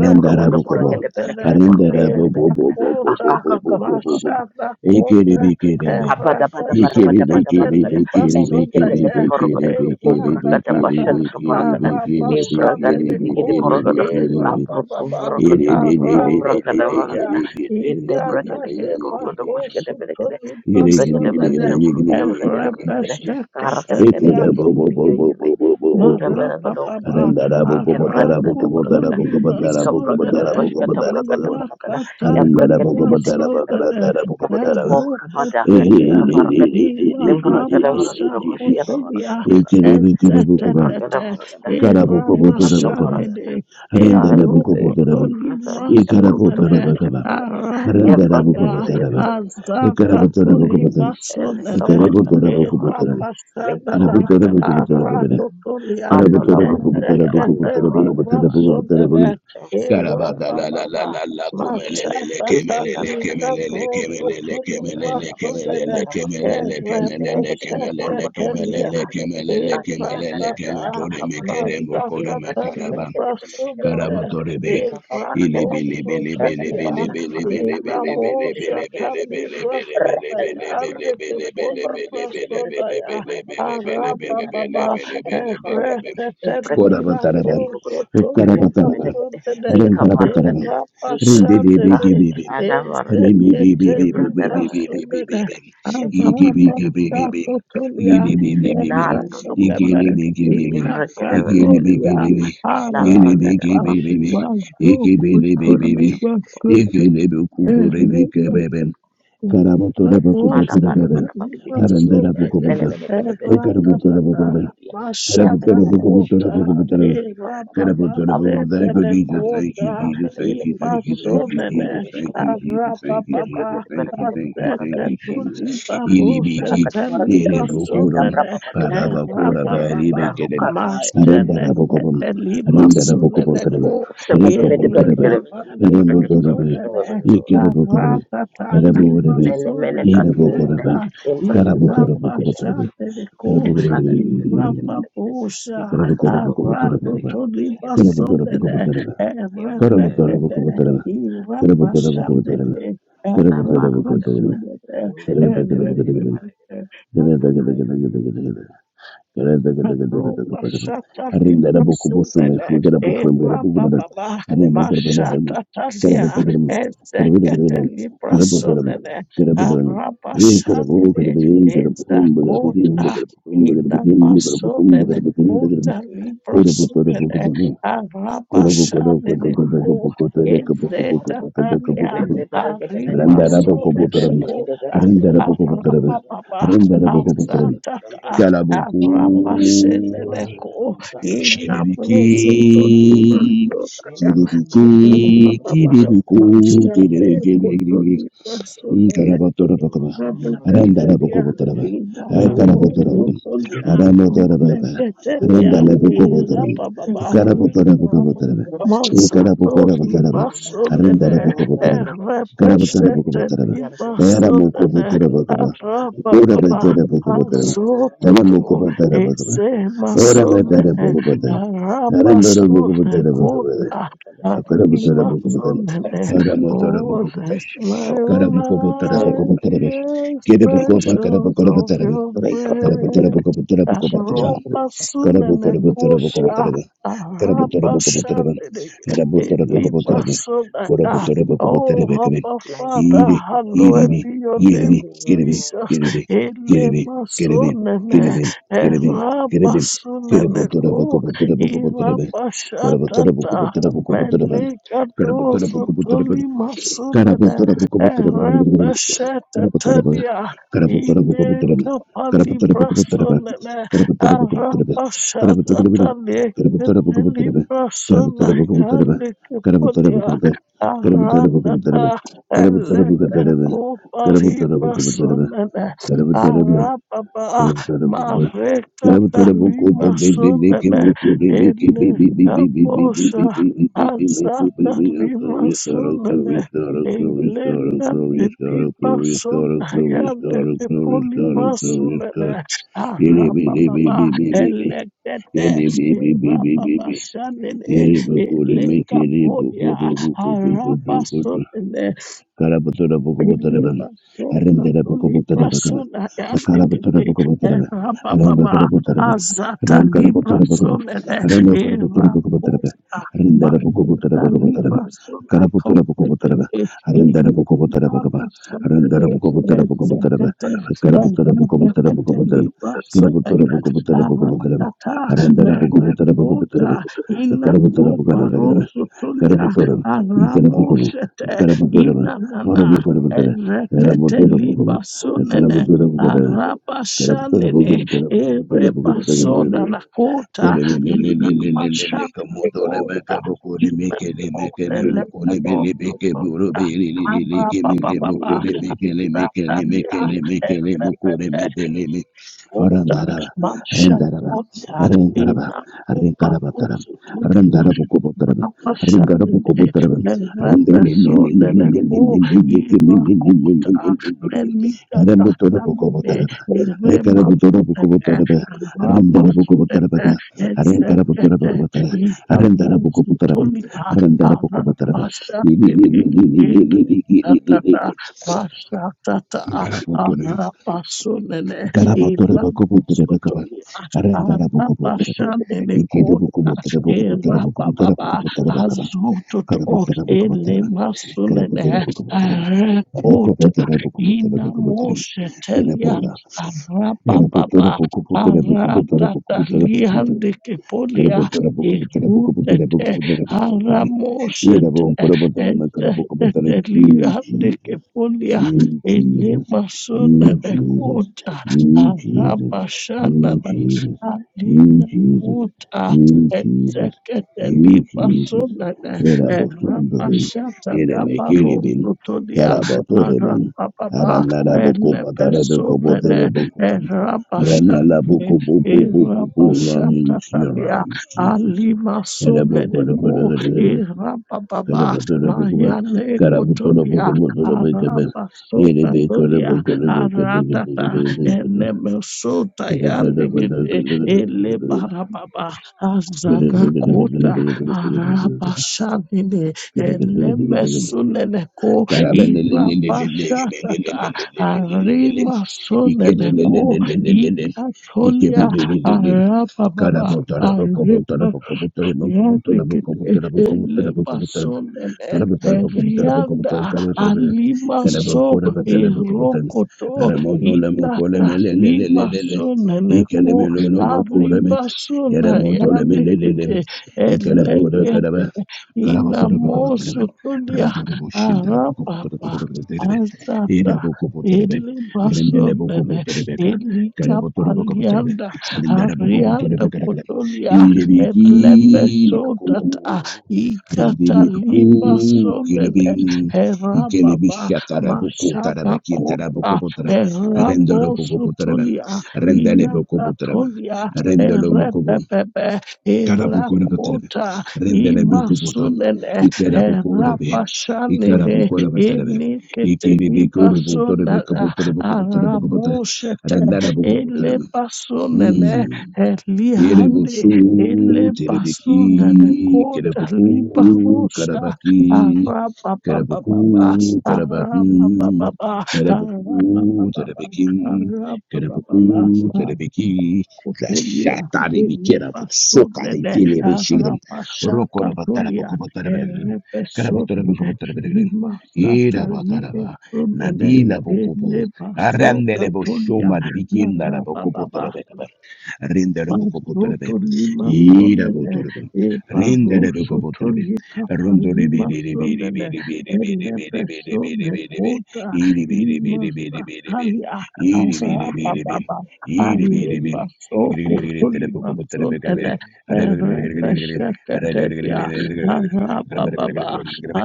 Speaker 1: Rendarabukobom, Harindara bo bo bo bo bo bo
Speaker 2: Irakota.
Speaker 1: bo bo bo bo bo.
Speaker 2: Mashana
Speaker 1: Ekere
Speaker 2: kote.
Speaker 1: bekere be. Ekere
Speaker 2: Erebeshetete
Speaker 1: bekere
Speaker 2: libra
Speaker 1: bekere bekere
Speaker 2: sodene.
Speaker 1: bekere bekere bekere bekere
Speaker 2: Iratatata.
Speaker 1: bekere bekere
Speaker 2: Arabashandene ko.
Speaker 1: bekere bekere be.
Speaker 2: Irabababa.
Speaker 1: Ere de de de de de
Speaker 2: Aratotolia.
Speaker 1: de
Speaker 2: Itata leba kosu tolibra
Speaker 1: gere gere gere gere gere gere gere gere gere
Speaker 2: sodene.
Speaker 1: gere gere gere gere.
Speaker 2: Rabasakataria
Speaker 1: Ekere bo bo bo bo bo bo bo bo bo.
Speaker 2: Marababa
Speaker 1: Harindara bo ko bo
Speaker 3: Ebrada
Speaker 1: tara bo
Speaker 3: kada
Speaker 1: ko bo tara
Speaker 3: barakada,
Speaker 1: bo ko bo
Speaker 2: Arakotolimba
Speaker 1: tara
Speaker 3: lika
Speaker 1: bo ko bo
Speaker 3: brakada
Speaker 1: tara bo
Speaker 2: Sondade
Speaker 1: ko bo
Speaker 3: bashkata
Speaker 1: tara bo ko
Speaker 3: brakata
Speaker 1: bo.
Speaker 3: balakada,
Speaker 1: Karabutara
Speaker 3: ebrakete
Speaker 2: Hinakatalimba
Speaker 3: kete kete nakete,
Speaker 2: Sondade
Speaker 3: kate bokra bada kadi
Speaker 2: Erokotomia
Speaker 3: kabarakadi, limbrakada barakada bashkata barakada
Speaker 2: Imarabasakotomia
Speaker 3: barakada, imbrakada
Speaker 2: Etetetete
Speaker 3: barakada, limbraka barakada,
Speaker 2: Irabasabede
Speaker 3: kata
Speaker 2: Erokotolimba
Speaker 3: kata borukada
Speaker 2: Sondade
Speaker 3: bashkata balakada, ebrakada
Speaker 2: Arababa
Speaker 3: barakada barakada,
Speaker 2: Azakatolimba
Speaker 3: lika
Speaker 2: Sondade
Speaker 3: barakada kada barakada, mikro
Speaker 2: Irabasabada
Speaker 3: barakada,
Speaker 2: Aratotolia,
Speaker 3: andola barakada, andola barakada
Speaker 2: Eteketeliba
Speaker 3: barakada,
Speaker 2: Sodere,
Speaker 1: Kemele
Speaker 3: 可
Speaker 2: Ira
Speaker 3: 能
Speaker 2: Baba,
Speaker 3: kumargali
Speaker 2: Mashata
Speaker 3: imrata tata
Speaker 2: Talita
Speaker 3: tata tata
Speaker 2: Toso
Speaker 3: imrata
Speaker 2: Toliba
Speaker 3: tata tata
Speaker 2: Sodere,
Speaker 3: tata makali ife teke teke te
Speaker 2: Erebeshetelia,
Speaker 3: porko to poske te pele kedi ati tata tata
Speaker 2: Efratata
Speaker 3: tata kabara kedi
Speaker 2: Mazatata
Speaker 3: imrata te poske te pele kedi porko
Speaker 2: Librasudene
Speaker 3: to kipa papara kata imrata te
Speaker 2: Efraposotobia
Speaker 3: poske te para kata ele teke teke
Speaker 2: Inamosata
Speaker 3: teke teke teke rata tata
Speaker 2: Librasodaya
Speaker 3: para kata
Speaker 2: Andeke
Speaker 3: teke te porko te pele para kedi kedi
Speaker 2: Polibrasodaya
Speaker 3: para kadi ati tata tata
Speaker 2: Arababa
Speaker 3: pasha tata tata para kadi
Speaker 2: Ehretete
Speaker 3: imrata te poske te
Speaker 1: Korabataraban,
Speaker 3: porko to
Speaker 2: Libraposotobia
Speaker 3: ife pele
Speaker 1: Ukarabataraban,
Speaker 3: kedi ni kabar
Speaker 1: Rendarabataran,
Speaker 3: Ikakaka
Speaker 2: Ezapashandene
Speaker 1: Rendebebebebebem,
Speaker 3: anavaragadi
Speaker 2: Ezekete
Speaker 3: ibrakadavaragadi
Speaker 2: Librasudene
Speaker 1: Remebebebebebebebebem, Igebebebebebem,
Speaker 3: ikabrakadavaragadi
Speaker 2: Azabasatotobia
Speaker 1: Idebebebebem,
Speaker 3: nando lokovaragadi
Speaker 1: Igelebebebem,
Speaker 3: ivrakadavaragadi
Speaker 2: Inakatolia
Speaker 1: Igelebebebe,
Speaker 2: arababa
Speaker 1: Igelebebebebe,
Speaker 3: labrakadavashitadava
Speaker 1: Igebebebebe,
Speaker 2: mazukutuliba
Speaker 3: avrakadavakoragada
Speaker 1: Igelebekurebekebebem,
Speaker 2: Masha
Speaker 3: mana para
Speaker 1: Karabotorebekubotorebebe,
Speaker 3: mana para bini bini bini. Bene
Speaker 1: Arandarabukobotor,
Speaker 3: bene bene bene baru tadi gini para
Speaker 1: Ekarabotorabotorebebe,
Speaker 3: tadi ya. ya kata kata masyarakat yang para
Speaker 1: Karabotorabukobotorabukobotorebe,
Speaker 3: tadi gini para kata.
Speaker 1: Incredible,
Speaker 3: Abang kubu
Speaker 1: incredible.
Speaker 3: kubu tadi
Speaker 1: Thank you,
Speaker 3: coba
Speaker 1: Jesus. Thank you, Jesus.
Speaker 3: bene
Speaker 1: Thank
Speaker 3: bene.
Speaker 1: you, thank you,
Speaker 3: Dan
Speaker 1: thank you,
Speaker 3: kita
Speaker 1: Jesus.
Speaker 3: pesh
Speaker 1: Thank
Speaker 3: kita
Speaker 1: you,
Speaker 3: bene bene.
Speaker 1: Jesus. Thank you,
Speaker 3: Rebut
Speaker 1: Jesus.
Speaker 3: kita pada
Speaker 1: Thank you,
Speaker 3: kita
Speaker 1: thank
Speaker 3: buku
Speaker 1: you,
Speaker 3: para
Speaker 1: thank
Speaker 3: tadi.
Speaker 1: you, Jesus.
Speaker 3: Kakak kuku pala
Speaker 1: Ilibiki,
Speaker 3: kata para kata. Enda
Speaker 1: Merebukurum,
Speaker 3: berapa patu seperti bene
Speaker 1: Parabakura,
Speaker 3: bene. Ya
Speaker 1: Baribikidim,
Speaker 3: ruka kai
Speaker 1: Arendarabukum, Arendarabukutum,
Speaker 3: seperti bene bene kita
Speaker 1: Rekabuturbe,
Speaker 3: bene kita pada kita pada
Speaker 1: Arembuturbe,
Speaker 3: kita pada kita.
Speaker 1: Ikidabukurbe,
Speaker 2: Karatata lima
Speaker 1: Araburbe,
Speaker 3: Mene
Speaker 2: sone
Speaker 3: mene
Speaker 2: le
Speaker 3: kat mene.
Speaker 1: Inabukurbe,
Speaker 2: kota
Speaker 3: Yang
Speaker 2: irapa
Speaker 3: berarti
Speaker 1: Karabuturbukuturbe,
Speaker 2: shande le ko
Speaker 3: En braga di kiri kiri
Speaker 2: irapa
Speaker 1: Karabukurbe.
Speaker 3: benda kiri,
Speaker 2: bosha
Speaker 3: di
Speaker 1: Kerabatan, ye Kerabu, Kerabayan,
Speaker 3: braga dapat kumur
Speaker 2: arato
Speaker 3: kiri
Speaker 2: to
Speaker 3: kiri benda
Speaker 2: lima
Speaker 3: kiri benda
Speaker 1: Kerabukum,
Speaker 2: sone
Speaker 3: kiri
Speaker 2: le
Speaker 3: benda
Speaker 1: Kerabayan,
Speaker 3: kiri
Speaker 1: Kerabukum,
Speaker 3: benda
Speaker 2: erepekete
Speaker 1: Kerabayan, Kerabukum, Kerabayan,
Speaker 2: irapa
Speaker 1: Kerabukum,
Speaker 2: shande
Speaker 3: benda
Speaker 1: Kerabayan,
Speaker 2: le
Speaker 3: lambar
Speaker 2: erapa
Speaker 3: pada pada
Speaker 2: sone le
Speaker 3: en beda beda benda kiri pada
Speaker 2: erepekete
Speaker 3: kiri, lupa ya
Speaker 2: Roba shata libra sulele e raba baba mashata talia e zekete libra sulele a raba shalele e zakota ina basulele kota
Speaker 1: Kerabukum, Kerabayan,
Speaker 2: libra sulele
Speaker 1: Kerabukum,
Speaker 2: a raba shalele
Speaker 3: apa
Speaker 2: ko
Speaker 3: en
Speaker 2: e
Speaker 3: braga baru
Speaker 2: zeta
Speaker 3: tadi,
Speaker 2: talia
Speaker 3: en de
Speaker 2: a
Speaker 3: baru kita beda
Speaker 2: rima
Speaker 3: baru
Speaker 2: sulele
Speaker 4: Shut
Speaker 3: ini kita
Speaker 2: kota
Speaker 3: baru kita
Speaker 2: a
Speaker 3: baru kita baru
Speaker 2: raba baba a
Speaker 3: en kita
Speaker 1: Randa
Speaker 3: kita
Speaker 2: zatata
Speaker 3: sampai lagi,
Speaker 1: Kalabuku.
Speaker 3: en kita benda kiri baru
Speaker 2: Arabaseneleko
Speaker 3: tadi, tak percaya
Speaker 1: Shiribiki.
Speaker 3: apa
Speaker 2: inabrosotonibrasodaya
Speaker 3: Kepada
Speaker 1: Kiribiki.
Speaker 2: arababa
Speaker 1: Kiribiku. Kiribiki.
Speaker 2: mashabekotonibrasodaya
Speaker 1: Karabatorabakaba.
Speaker 2: abakadelia
Speaker 1: Arandarabakobotaraba. Akarabotarabakam.
Speaker 2: inanamozokolia
Speaker 1: Arambotarababa.
Speaker 2: meseketelia
Speaker 1: Arandarabakobotaram.
Speaker 2: irabababa
Speaker 1: Karabotarabakobotaraba.
Speaker 2: Mazatori
Speaker 1: Ekarabokorabotaraba.
Speaker 2: Masonene
Speaker 1: Arandarabakobotaraba.
Speaker 2: Representati
Speaker 1: Karabotarabakobotaraba.
Speaker 2: Masonene
Speaker 1: Eramokobotarabakaba.
Speaker 2: Arababa
Speaker 1: Korabatarabakobotaraba. Alam
Speaker 2: Azotuto
Speaker 1: buku patah apa kau?
Speaker 2: Eze
Speaker 1: Orang itu ada
Speaker 2: Masonene
Speaker 1: buku patah. Orang dorong buku
Speaker 2: Arabasune
Speaker 1: patah apa kau?
Speaker 2: Koda Ari
Speaker 1: Kara patah ada buku patah.
Speaker 2: Masonene
Speaker 1: Orang mau ada
Speaker 2: Oh,
Speaker 1: buku patah.
Speaker 2: let my
Speaker 1: Kara buku patah ada buku
Speaker 2: life
Speaker 1: patah apa?
Speaker 2: be
Speaker 1: Kira buku apa? Kara buku
Speaker 2: expressions of
Speaker 1: patah apa?
Speaker 2: your
Speaker 1: Kara patah
Speaker 2: grace.
Speaker 1: ada buku patah buku patah.
Speaker 2: Roba
Speaker 1: Karabu
Speaker 2: sunene
Speaker 1: karabu tarabu karabu
Speaker 2: kota
Speaker 1: tarabu. Karabu
Speaker 2: araba
Speaker 1: tarabu karabu tarabu.
Speaker 2: shandere
Speaker 1: Arabu tarabu karabu
Speaker 2: eliba
Speaker 4: up.
Speaker 1: tarabu.
Speaker 2: sona.
Speaker 1: Karabu
Speaker 2: ah.
Speaker 1: tarabu karabu
Speaker 2: Oh,
Speaker 1: tarabu karabu.
Speaker 2: Abba
Speaker 3: Lambai
Speaker 2: Father,
Speaker 1: Iri
Speaker 3: itu
Speaker 1: iri
Speaker 2: hallowed
Speaker 1: bi
Speaker 2: be your
Speaker 1: iri
Speaker 2: name,
Speaker 1: bi iri bi
Speaker 2: Jesus.
Speaker 3: orang
Speaker 1: iri bi iri bi
Speaker 2: Elema
Speaker 1: iri bi
Speaker 2: sunene
Speaker 1: iri bi iri bi iri
Speaker 2: eraba
Speaker 1: bi. Karabu
Speaker 2: sunene
Speaker 1: tarabu
Speaker 2: ko
Speaker 1: karabu tarabu karabu tarabu.
Speaker 2: iraba
Speaker 1: Karabu tarabu
Speaker 2: shatata.
Speaker 1: karabu tarabu karabu
Speaker 2: Meleka dozo tolima sunene eraba shatatalia. Ineka palibrasona na arabashata taleke palibrasona yande kepolia aratata elete kopalibrasona na
Speaker 1: Karabutara
Speaker 2: arababa
Speaker 1: Yere
Speaker 2: mareka talimasona na eleka posha azata limasona Eleta petipason ayande ke polimason ene arababa elekete rababa shanene
Speaker 1: bakore
Speaker 2: eleka
Speaker 1: mekere
Speaker 2: polia
Speaker 1: bakore
Speaker 2: arabason
Speaker 1: Karabutura Bukobutareva,
Speaker 2: Beleba soka
Speaker 1: Arendera
Speaker 2: libra
Speaker 1: Bukobutareva,
Speaker 2: sona
Speaker 1: Karabutura
Speaker 2: yandekete
Speaker 1: Bukobutareva,
Speaker 2: era
Speaker 1: Arenda
Speaker 2: baba
Speaker 1: Karabutareva,
Speaker 2: azata
Speaker 1: Aren
Speaker 2: libra
Speaker 1: Karabutura Bukum,
Speaker 2: sona de
Speaker 1: Arenda Karabutura
Speaker 2: era
Speaker 1: Bukobutareva,
Speaker 2: kosta
Speaker 1: Arendera
Speaker 2: mazata
Speaker 1: Bukobutareva Bukobutareva,
Speaker 2: libra sona
Speaker 1: Karabutura Bukobutareva,
Speaker 2: kondekete
Speaker 1: Arendera
Speaker 2: era
Speaker 1: Bukobutareva Kaba,
Speaker 2: baba sona de
Speaker 1: Arendera Bukobutareva Bukobutareva,
Speaker 2: ezetete
Speaker 1: Karabutura Bukobutareva
Speaker 2: ezetete
Speaker 1: Bukobutareva,
Speaker 2: libra sona
Speaker 1: Karabutura
Speaker 2: ya
Speaker 1: Bukobutareva Bukobutareva,
Speaker 2: aratata
Speaker 1: Arendera Bukobutareva
Speaker 2: merekota
Speaker 1: Bukobutareva,
Speaker 2: ina
Speaker 1: Karabutura
Speaker 2: popa
Speaker 1: Bukanadagareva,
Speaker 2: rosso tolia
Speaker 1: Karabutoram, Ikarabukum,
Speaker 2: aramosete
Speaker 1: Karabutoraman,
Speaker 2: inanana
Speaker 1: Honorable Karabutter,
Speaker 2: Reketeliba
Speaker 1: Ramotorabukum,
Speaker 2: sonene.
Speaker 1: Karabutorabuka,
Speaker 2: Arabashanene.
Speaker 1: Karabutorabukum, Terabukum, Terabukum, Terabukum, Terabukum,
Speaker 2: Erebasona
Speaker 1: Terabukum,
Speaker 2: nakota. Rabashanekota. Imekote lepenokota. Ababababa. Ratalia.
Speaker 1: Terabukum,
Speaker 2: Erepepe.
Speaker 1: Terabukum,
Speaker 2: Oda
Speaker 1: Randaraba, randaraba,
Speaker 2: mashatoria
Speaker 1: randaraba,
Speaker 2: ina kupa
Speaker 1: randaraba, taram,
Speaker 2: uso tulia
Speaker 1: randarabu kubutaraba, randarabu
Speaker 2: anapashanile
Speaker 1: kubutaraba,
Speaker 2: lerepesoleleko
Speaker 1: randarabukubutarabu,
Speaker 2: irakota melikatayanile
Speaker 1: randarabukubutaraba,
Speaker 2: eremasulete
Speaker 1: rekarabukubutaraba, randarabukubutaraba,
Speaker 2: ramasulete esekete
Speaker 1: randarabukubutaraba,
Speaker 2: itamusi
Speaker 1: randarabukubutaraba,
Speaker 2: tulia anapashanile itatata
Speaker 1: randarabukubutaraba,
Speaker 2: mashatata anapasolele Eva
Speaker 1: Garabotorebakobotrebekaba.
Speaker 2: sotolia aba
Speaker 1: Arandarabokobotrebek.
Speaker 2: bashande mekota eva baba
Speaker 1: Ikidebukoboterebokoboterebokoboterebokoboterebakaba.
Speaker 2: azoto ele
Speaker 1: Garaboterebokobotereba.
Speaker 2: masunene
Speaker 1: Garaboterebokobotereba.
Speaker 2: rekota ina
Speaker 1: Rokoboterebokoboterebokobotereba.
Speaker 2: moshe telia
Speaker 1: Erabola.
Speaker 2: aba baba arata talia
Speaker 1: Erabotorebokoboterebokoboterebokoboterebokobotereba.
Speaker 2: dekepolia
Speaker 1: Karabotora Bookabutana Bookabutana
Speaker 2: erutete
Speaker 1: Bookabutana Bookabutana.
Speaker 2: haramosete
Speaker 1: Irabon Korabotana Makarabokabutana.
Speaker 2: ezetelia
Speaker 1: You
Speaker 2: de
Speaker 1: Jesus.
Speaker 2: kepolia
Speaker 1: You
Speaker 2: ele
Speaker 1: Jesus. You
Speaker 2: masunene
Speaker 1: Jesus.
Speaker 2: kota
Speaker 1: You Jesus.
Speaker 2: Arabashanan
Speaker 1: You Jesus. You
Speaker 2: Alina
Speaker 1: Jesus.
Speaker 2: Kota
Speaker 1: You Jesus. You
Speaker 2: Ezekeliba
Speaker 1: Jesus.
Speaker 2: Sunana
Speaker 1: Irabosondolin.
Speaker 2: Arabashata
Speaker 1: Iremekiribin.
Speaker 2: Abarosotonia
Speaker 1: Karabotorebin.
Speaker 2: Arababa Elebesunene
Speaker 1: Aranarabokobotarebokoboterabokoban. Relala
Speaker 2: Arabashane
Speaker 1: buku buku buku buku run
Speaker 2: Irabashata
Speaker 1: into your
Speaker 2: Tania
Speaker 1: arms, Jesus.
Speaker 2: Alima
Speaker 1: Erebuku
Speaker 2: Sunene
Speaker 1: buku
Speaker 2: Ko Irababa
Speaker 1: buku buku Karabutola buku buku
Speaker 2: Mayane
Speaker 1: Karabutola
Speaker 2: Kotonia
Speaker 1: buku buku buku buku Yerebe kore
Speaker 2: Arabasokatolia
Speaker 1: buku buku buku buku buku
Speaker 2: Aratata
Speaker 1: buku buku
Speaker 2: enemesota
Speaker 1: Karabutola buku
Speaker 2: yandikite
Speaker 1: buku buku
Speaker 2: elebarababa azagakota arabashanine
Speaker 1: buku buku
Speaker 2: elemesuneneko irabashatata arimasoneneko ikatolia
Speaker 1: Karabutola
Speaker 2: arabababa
Speaker 1: Karabotarabo, Kobotarabo, Kobotarabo, Kobotarabo,
Speaker 2: Yadikiti
Speaker 1: Kobotarabo, Kobotarabo, Kobotarabo, Rendele
Speaker 2: Elemasonene Rianda Alimaso Irokoto Ikatasimashonene Ko Aribasona Yadikiti inamosutulia arapapa azata elibasonene elikapalianda arianda kotolia etlebesodata
Speaker 1: Rendilibuku,
Speaker 2: ikatalibasonene
Speaker 1: Kiribing,
Speaker 2: herababa
Speaker 1: Ikelebishatarabuku, Tarabakin,
Speaker 2: mashadakota
Speaker 1: Tarabukopotra, Rendorobukopotraban,
Speaker 2: erabosutulia
Speaker 1: Rendelebukopotraban,
Speaker 2: inakatolia
Speaker 1: Rendelobukobon,
Speaker 2: erebebebe
Speaker 1: Karabukorabatraban,
Speaker 2: erakota
Speaker 1: Rendelebukopotam,
Speaker 2: imasunene
Speaker 1: Ikerabukorabe,
Speaker 2: herabashanene
Speaker 1: Ikarabukorabatraban,
Speaker 2: iniketelibasunana
Speaker 1: Ikiribikurubutorabekabutorabukopotrabukopotra,
Speaker 2: aramushete
Speaker 1: Rendarabukopotraban.
Speaker 2: elebasunene
Speaker 1: Mmm.
Speaker 2: helihande
Speaker 1: Yerebusu, Terebeki,
Speaker 2: elebasunene
Speaker 1: Kerebuku,
Speaker 2: kodalibarusha
Speaker 1: Karabaki, Kerebuku,
Speaker 2: arababababa
Speaker 1: Karabaki,
Speaker 2: arabababa
Speaker 1: Terebuku,
Speaker 2: arabababa
Speaker 1: Terebeki, Kerebuku,
Speaker 2: arabababa
Speaker 1: Terebeki,
Speaker 2: kutulia
Speaker 1: Rashatari, Kerabusu, Kari,
Speaker 2: imepasunene
Speaker 1: Vile, Beshigrim, Rokoraba,
Speaker 2: arapashakatulia
Speaker 1: Tarabuku, Terebegrim,
Speaker 2: erepesunene
Speaker 1: Karabuku, Terebegrim, Irabataraba,
Speaker 2: imasatalipesunene
Speaker 1: Nadila Bokubu, Arandele
Speaker 2: enepasokatulia
Speaker 1: Boshuma, Bikin, Narabuku, Terebegrim rendere poco
Speaker 2: Masoto
Speaker 1: potrebe,
Speaker 2: lima
Speaker 1: ira
Speaker 2: sonene
Speaker 1: potrebe,
Speaker 2: e
Speaker 1: rendere poco
Speaker 2: barosoto
Speaker 1: potrebe,
Speaker 2: lika
Speaker 1: rondore bere
Speaker 2: palima
Speaker 1: bere bere
Speaker 2: sonene
Speaker 1: bere bere
Speaker 2: elebe
Speaker 1: bere bere bere
Speaker 2: sone
Speaker 1: bere,
Speaker 2: kota
Speaker 1: iri bere
Speaker 2: ima
Speaker 1: bere bere bere bere,
Speaker 2: satalia
Speaker 1: iri bere bere bere,
Speaker 2: azababa
Speaker 1: iri bere
Speaker 2: aleba
Speaker 1: bere.
Speaker 2: soko polima sonene erebe sheketelia azababa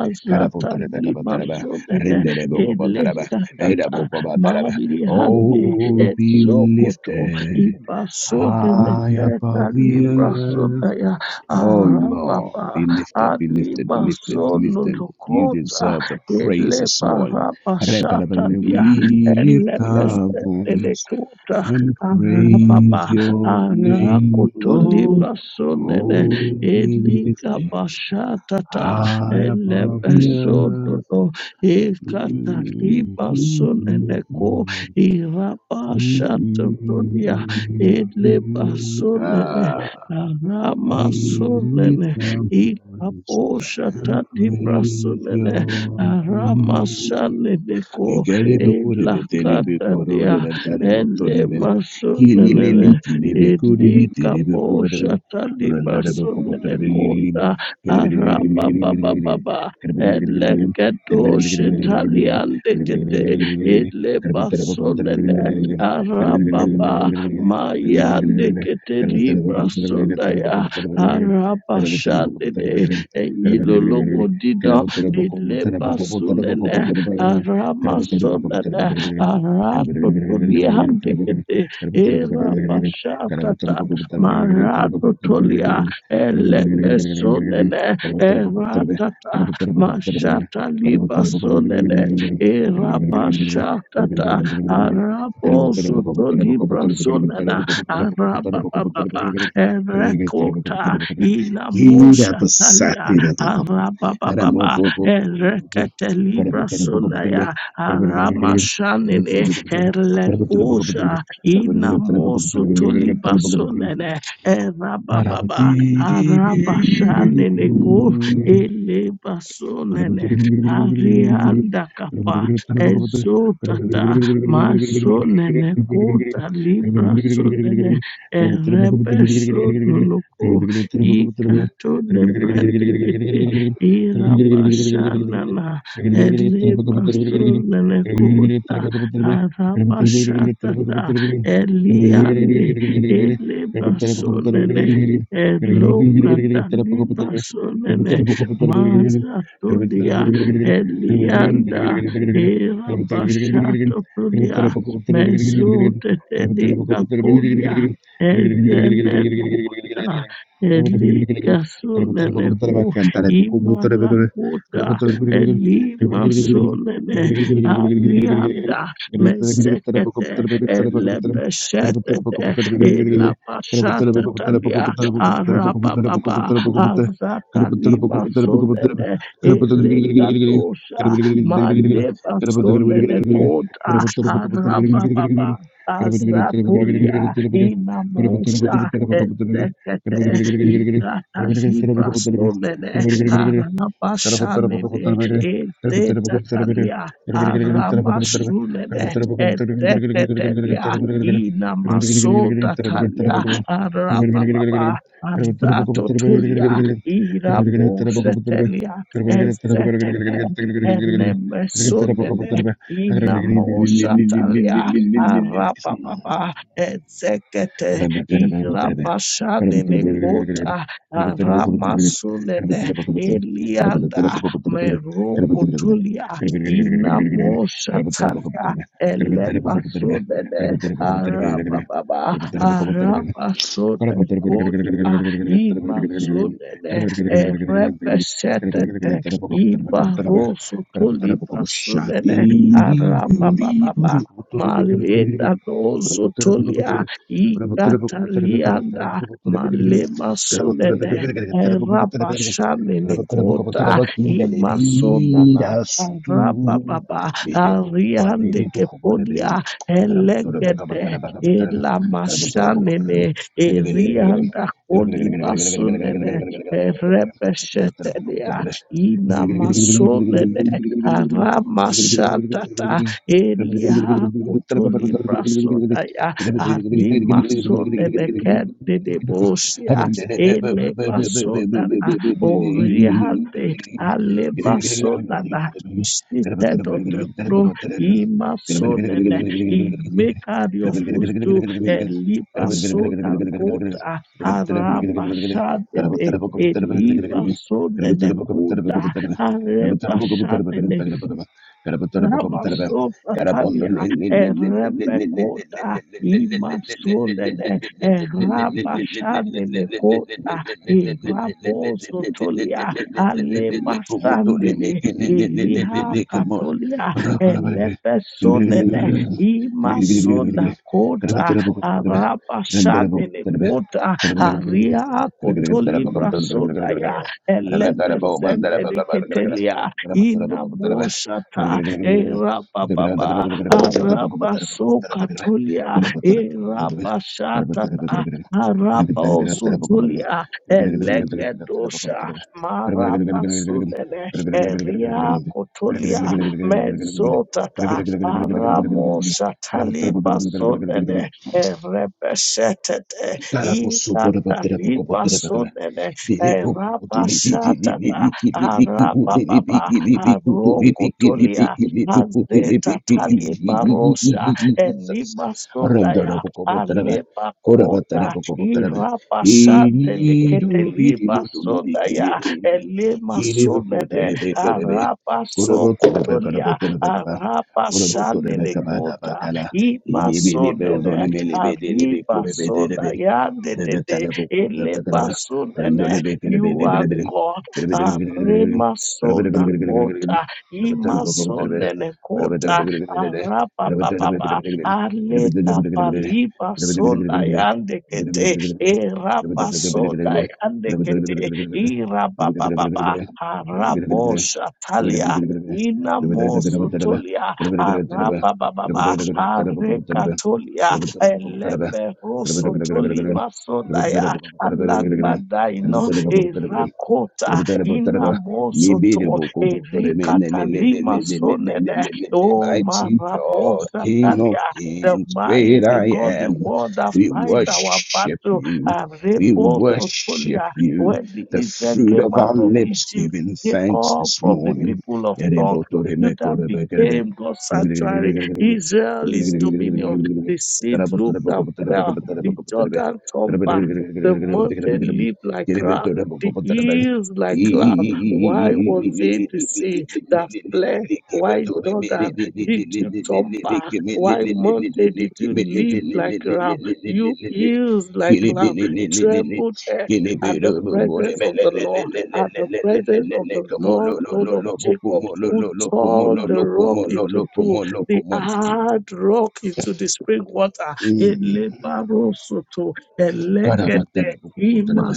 Speaker 2: azata lima sonene elekatata mabili handi
Speaker 1: Oh, be
Speaker 2: esokoto
Speaker 1: lifted high
Speaker 2: Ibasodeleketa
Speaker 1: above the earth.
Speaker 2: librasodaya
Speaker 1: Oh Lord,
Speaker 2: arababa
Speaker 1: be lifted, be lifted, be lifted, be lifted. You
Speaker 2: alimasonodokota
Speaker 1: deserve the praise this morning.
Speaker 2: elebarabashatalia
Speaker 1: We lift our voice
Speaker 2: elepesedelekota
Speaker 1: and
Speaker 2: arababa
Speaker 1: praise your name, Lord.
Speaker 2: arakotolibrasonene
Speaker 1: Oh, be lifted
Speaker 2: elikabashatata
Speaker 1: high above the earth.
Speaker 2: elepesododo ekatalibrasoneneko
Speaker 1: Mm-hmm. Mm, mm, mm,
Speaker 2: irabashatotolia
Speaker 1: mm,
Speaker 2: ele
Speaker 1: mm, mm.
Speaker 2: basunene
Speaker 1: Ah.
Speaker 2: arama
Speaker 1: We
Speaker 2: sunene
Speaker 1: lift our voices
Speaker 2: ikaposha
Speaker 1: and
Speaker 2: tadi
Speaker 1: praise
Speaker 2: brasunene
Speaker 1: Your
Speaker 2: arama
Speaker 1: name.
Speaker 2: shanene
Speaker 1: *laughs* We
Speaker 2: ko
Speaker 1: get up and go to
Speaker 2: ela
Speaker 1: bed. We get up and go
Speaker 2: kata
Speaker 1: over the
Speaker 2: dia
Speaker 1: land and talk to
Speaker 2: ele
Speaker 1: heaven. We get up
Speaker 2: masunene
Speaker 1: and go to bed.
Speaker 2: eli
Speaker 1: We get up and go over the
Speaker 2: kaposha tadi brasunene kota araba baba baba ele kedoshe taliande kete ele basunene arababa
Speaker 1: land and talk to heaven.
Speaker 2: Mayande kete
Speaker 1: Thank you.
Speaker 2: libra sondaya shande de enyilo logo dida ileba sunene arama sonene arato toliande kete erabashatata marato tolia elepe sonene eratata mashata liba sunene sonene erabashatata
Speaker 1: Thank
Speaker 2: Araboso to libra sonana arababa erekota inamosha talia arababa erekete libra sonaya aramashanene erleposha inamoso to libra sonene erababa arabashanene ko
Speaker 1: you. Gracias.
Speaker 2: elebasonene arianda kapa ezotata Masonene kota libra sonene erebe sononoko ikato nebrende kete irabashanana elema sonene kota arabashatata eliande eleba sonene elokata liba sonene mazatodia elianda Era bashato podia, mezote telica podia, ezemekuta, elika soleneku, imalakuta, elima solene, alianda, mezekete, elebeshetete, elabashata talia, arababa, azata lima
Speaker 1: Gracias.
Speaker 2: solene, elikadosha, Maleba sonene kota arababa azatolia inamosha etekete ikata zibra sonene
Speaker 1: Thank Thank
Speaker 2: haranabashanene etetalia aramasunene etetetelia inamasotatalia arababa azatotulia irabosetelia Elemesunene inamosatalia arababa ezekete
Speaker 1: you. Can I put the
Speaker 2: irabashanene kota aramasunene elianda merukutulia inamosatalia elebasunene arababa
Speaker 1: book of the Shati
Speaker 2: arabasune kota imasunene erebesetete Ibaroso toliba sunene arabababa. Maleda dozo tolia ikatalianda malema sunene erabashane nekota imasonana arabababa ariande kepodia elegede elamashanene
Speaker 1: *laughs* Thank
Speaker 2: erianda kolibasunene erebeshetelia
Speaker 1: you.
Speaker 2: ina
Speaker 1: Gracias.
Speaker 2: masonele aramashatata elia kotoli brasodaya alimasonele kededebosia ele basonana oriande ale basonana seated on the throne imasonele he make her your footstool and leave us so that cold arabashadede Eliba
Speaker 1: Gracias.
Speaker 2: sonene kuda areba shanene Ramasopatalia, Erebekota, Imasunene, Erabashanene Kota, Irabosotolia, Alemasandele, Eliha Katolia, Elebesonene, Imasona Kota, Arabashanene Kota, Aria Kotolibra Sodaya, Elebesendene Ketelia, Inamoshata, Erababa, Arabasokatolia, Erabashatata, Arabosutulia, Elegedosha, Marabasunene, Eria Kotolia, Mezotata, Aramoshatalibasunene, Erebeshetete,
Speaker 1: Carapusso, por a bater a poco, bater a poco,
Speaker 2: Ikatalibasunene, Erabashatata, Arababa, Arokotolia, Mazeta talibarosha
Speaker 1: Jesus.
Speaker 2: elima sodaya
Speaker 1: Randarabokobotaraba,
Speaker 2: aleba kota
Speaker 1: korabatarabokobotaraba.
Speaker 2: irapa shandele keteliba sodaya
Speaker 1: Irirubirimedulibikilibi,
Speaker 2: elema sonene
Speaker 1: kilibukuterebekelebe,
Speaker 2: arapa sokotolia
Speaker 1: korabotorebekarabotorebekaba,
Speaker 2: arapa shanene kota
Speaker 1: korabotorebekabadabakala,
Speaker 2: ima sonene arriba
Speaker 1: ilibilibeodonemelebedelebekorebedelebe,
Speaker 2: sonaya dedede eleba
Speaker 1: urebetalebokorebedelebe. Gracias.
Speaker 2: sonene you are God arema sona kota imasonene kota arapa papa aleka palipa sonda yande kete erapa sonda yande kete irapa papa harapo shatalia ina mosu tolia arapa baba areka tolia elebe roso tolima sonda ya alagbada
Speaker 1: Thank
Speaker 2: ino
Speaker 1: you.
Speaker 2: erakota
Speaker 1: Mighty
Speaker 2: ina moso Erikata lima sonene. Oh,
Speaker 1: God,
Speaker 2: marabosa
Speaker 1: King of
Speaker 2: talia. The
Speaker 1: Kings, great
Speaker 2: mighty
Speaker 1: I
Speaker 2: God, the
Speaker 1: am.
Speaker 2: one that
Speaker 1: We
Speaker 2: fight our
Speaker 1: worship
Speaker 2: battle.
Speaker 1: you.
Speaker 2: and
Speaker 1: We
Speaker 2: Arebo
Speaker 1: worship
Speaker 2: sotolia.
Speaker 1: you.
Speaker 2: When the
Speaker 1: The
Speaker 2: Israel
Speaker 1: fruit
Speaker 2: came
Speaker 1: of
Speaker 2: out
Speaker 1: our
Speaker 2: of
Speaker 1: lips
Speaker 2: Egypt,
Speaker 1: giving
Speaker 2: they
Speaker 1: thanks
Speaker 2: called
Speaker 1: this
Speaker 2: from the
Speaker 1: morning.
Speaker 2: people of tongue. Judah became God's sanctuary. Israel is dominion. The seed looked and fell. The Jordan turned back. The mountain leaped like grass. The
Speaker 1: *laughs*
Speaker 2: hills like
Speaker 1: Mm.
Speaker 2: grass. Why was it the sea that fled? Why Jordan did you turn back? Why mountain did you leap like a ram? You heels like lamb, trembled earth at the presence of the Lord, at the presence of the Lord God of Jacob, who turned the rock into pool, the hard rock into the spring water. Elebarosoto, elegede,
Speaker 1: Karabatarabukubutarabe,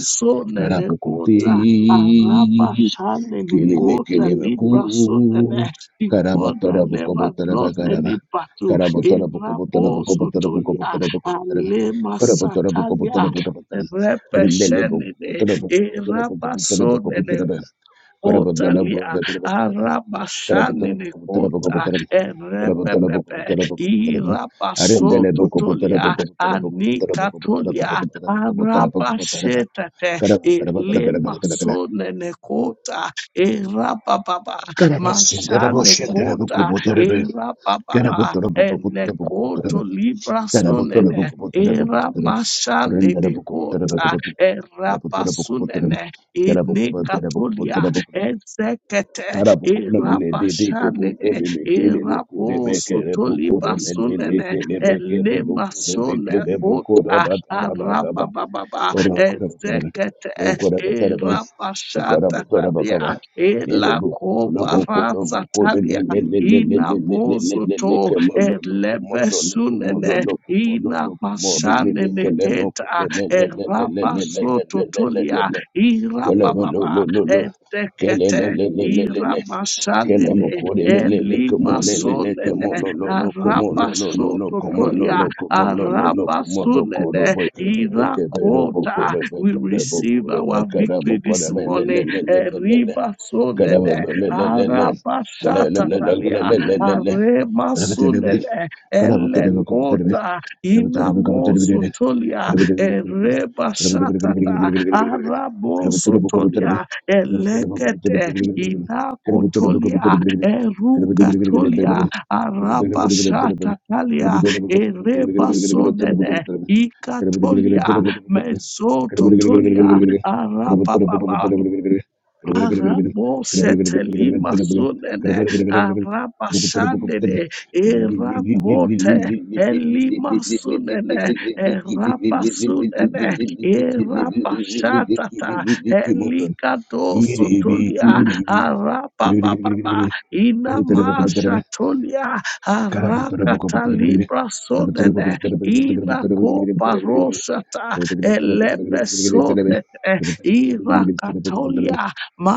Speaker 1: karabukuti,
Speaker 2: Araba shale ne
Speaker 1: kilime
Speaker 2: kota
Speaker 1: kilime ku,
Speaker 2: libra sona ne the one that never
Speaker 1: karabatarabukubutaraba
Speaker 2: lost
Speaker 1: karaba,
Speaker 2: any battle. Erabo sotolia
Speaker 1: karabatarabukubutarabukubutarabukubutarabukubutarabe,
Speaker 2: alema satalia.
Speaker 1: karabatarabukubutaraba kabatarabe,
Speaker 2: Repeshene ne eraba
Speaker 1: rindelebukubutarabukubutarabukubutarabukubutarabukubutarabe,
Speaker 2: Otalia
Speaker 1: karabatarabukubutarabukubutarabe,
Speaker 2: Arabashane ne Kota
Speaker 1: karabatarabukubutarabukubutarabukubutarabukubutarabe, Rendere
Speaker 2: Erebebebe Irabasoto Tolia Anikatolia Arabashetate Elemasone Nekota Erababa Mashane Kota Erababa Enekoto ne Eramashane Dekota Erabasunene Ine Ezekete
Speaker 1: Karabukona mele de de kabuto
Speaker 2: irabashanene
Speaker 1: de meke de buku de
Speaker 2: irabosu
Speaker 1: beke de buku de mele
Speaker 2: tolibasunene
Speaker 1: leke de beke de buku de
Speaker 2: elemasone
Speaker 1: beke de buku da
Speaker 2: ota
Speaker 1: batara bakaba.
Speaker 2: arabababa
Speaker 1: Oro kora batara be.
Speaker 2: ezekete
Speaker 1: kora batara be. Kora butora
Speaker 2: irabashatatalia
Speaker 1: bakaba. Yele buku bula buku lo buku de le
Speaker 2: elakobarasatalia
Speaker 1: le le le le le le le le
Speaker 2: inabosu
Speaker 1: le
Speaker 2: to
Speaker 1: le ke mo lo lo ko mo lo lo ko mo
Speaker 2: elebesunene
Speaker 1: lo lo ko mo lo lo ko mo ri le le
Speaker 2: inamashanene
Speaker 1: ke le mo ko
Speaker 2: keta
Speaker 1: le me le le le le le le le le
Speaker 2: erabasototolia
Speaker 1: le le
Speaker 2: irabababa
Speaker 1: Kalabalololo.
Speaker 2: etekete
Speaker 1: Kalamalelelelele.
Speaker 2: iramashanene
Speaker 1: Kalamokoremele. Komolelele.
Speaker 2: elimasonene
Speaker 1: Komolololo. Komolololo. Komololo.
Speaker 2: arabasototolia
Speaker 1: Komolololo.
Speaker 2: arabasunene
Speaker 1: Komolokorobo. Kerebekebero.
Speaker 2: irakota. We receive
Speaker 1: Bokorebekarebokore.
Speaker 2: our victory this morning.
Speaker 1: Mekaramokoremelelelelele.
Speaker 2: Eribasonene
Speaker 1: Gracias.
Speaker 2: arabashatatalia aremasunene elekota inamosotolia erebashatata arabosotolia elekete inakotolia erukatolia arabashatakalia erebasonene ikatolia mezototolia arababa Arabo
Speaker 1: Motor.
Speaker 2: seteli masunene arabashandene erakote elima sunene erabasunene erabashatata elikadoso
Speaker 1: Iribi,
Speaker 2: tolia
Speaker 1: kuribi.
Speaker 2: arabababa inamasha tolia arakatalibra sunene inakopa rosata elepesodete irakatolia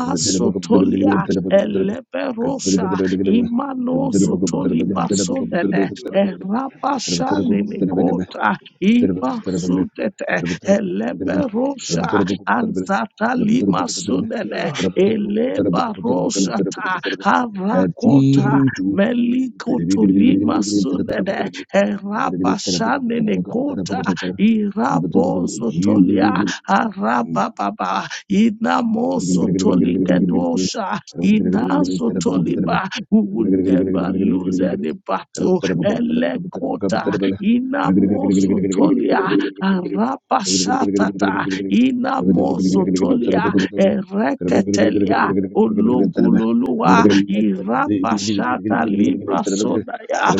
Speaker 1: You.
Speaker 2: Eleberosha Imanozo Tolibasonene Erabashanikota Ibasudete Eleberosha Anzatalima Sunene Elebaroshata Harakota Melikotolima Sunene Erabashanikota Irabozotolia Arababa Ina
Speaker 1: Gracias.
Speaker 2: mosotolikedosha. Ina sotoliba. We will never lose any battle. Elekota. Ina mosotolia. Arabashatata. Ina mosotolia. Ereketelia. Ologololuwa irapashata libra sodaya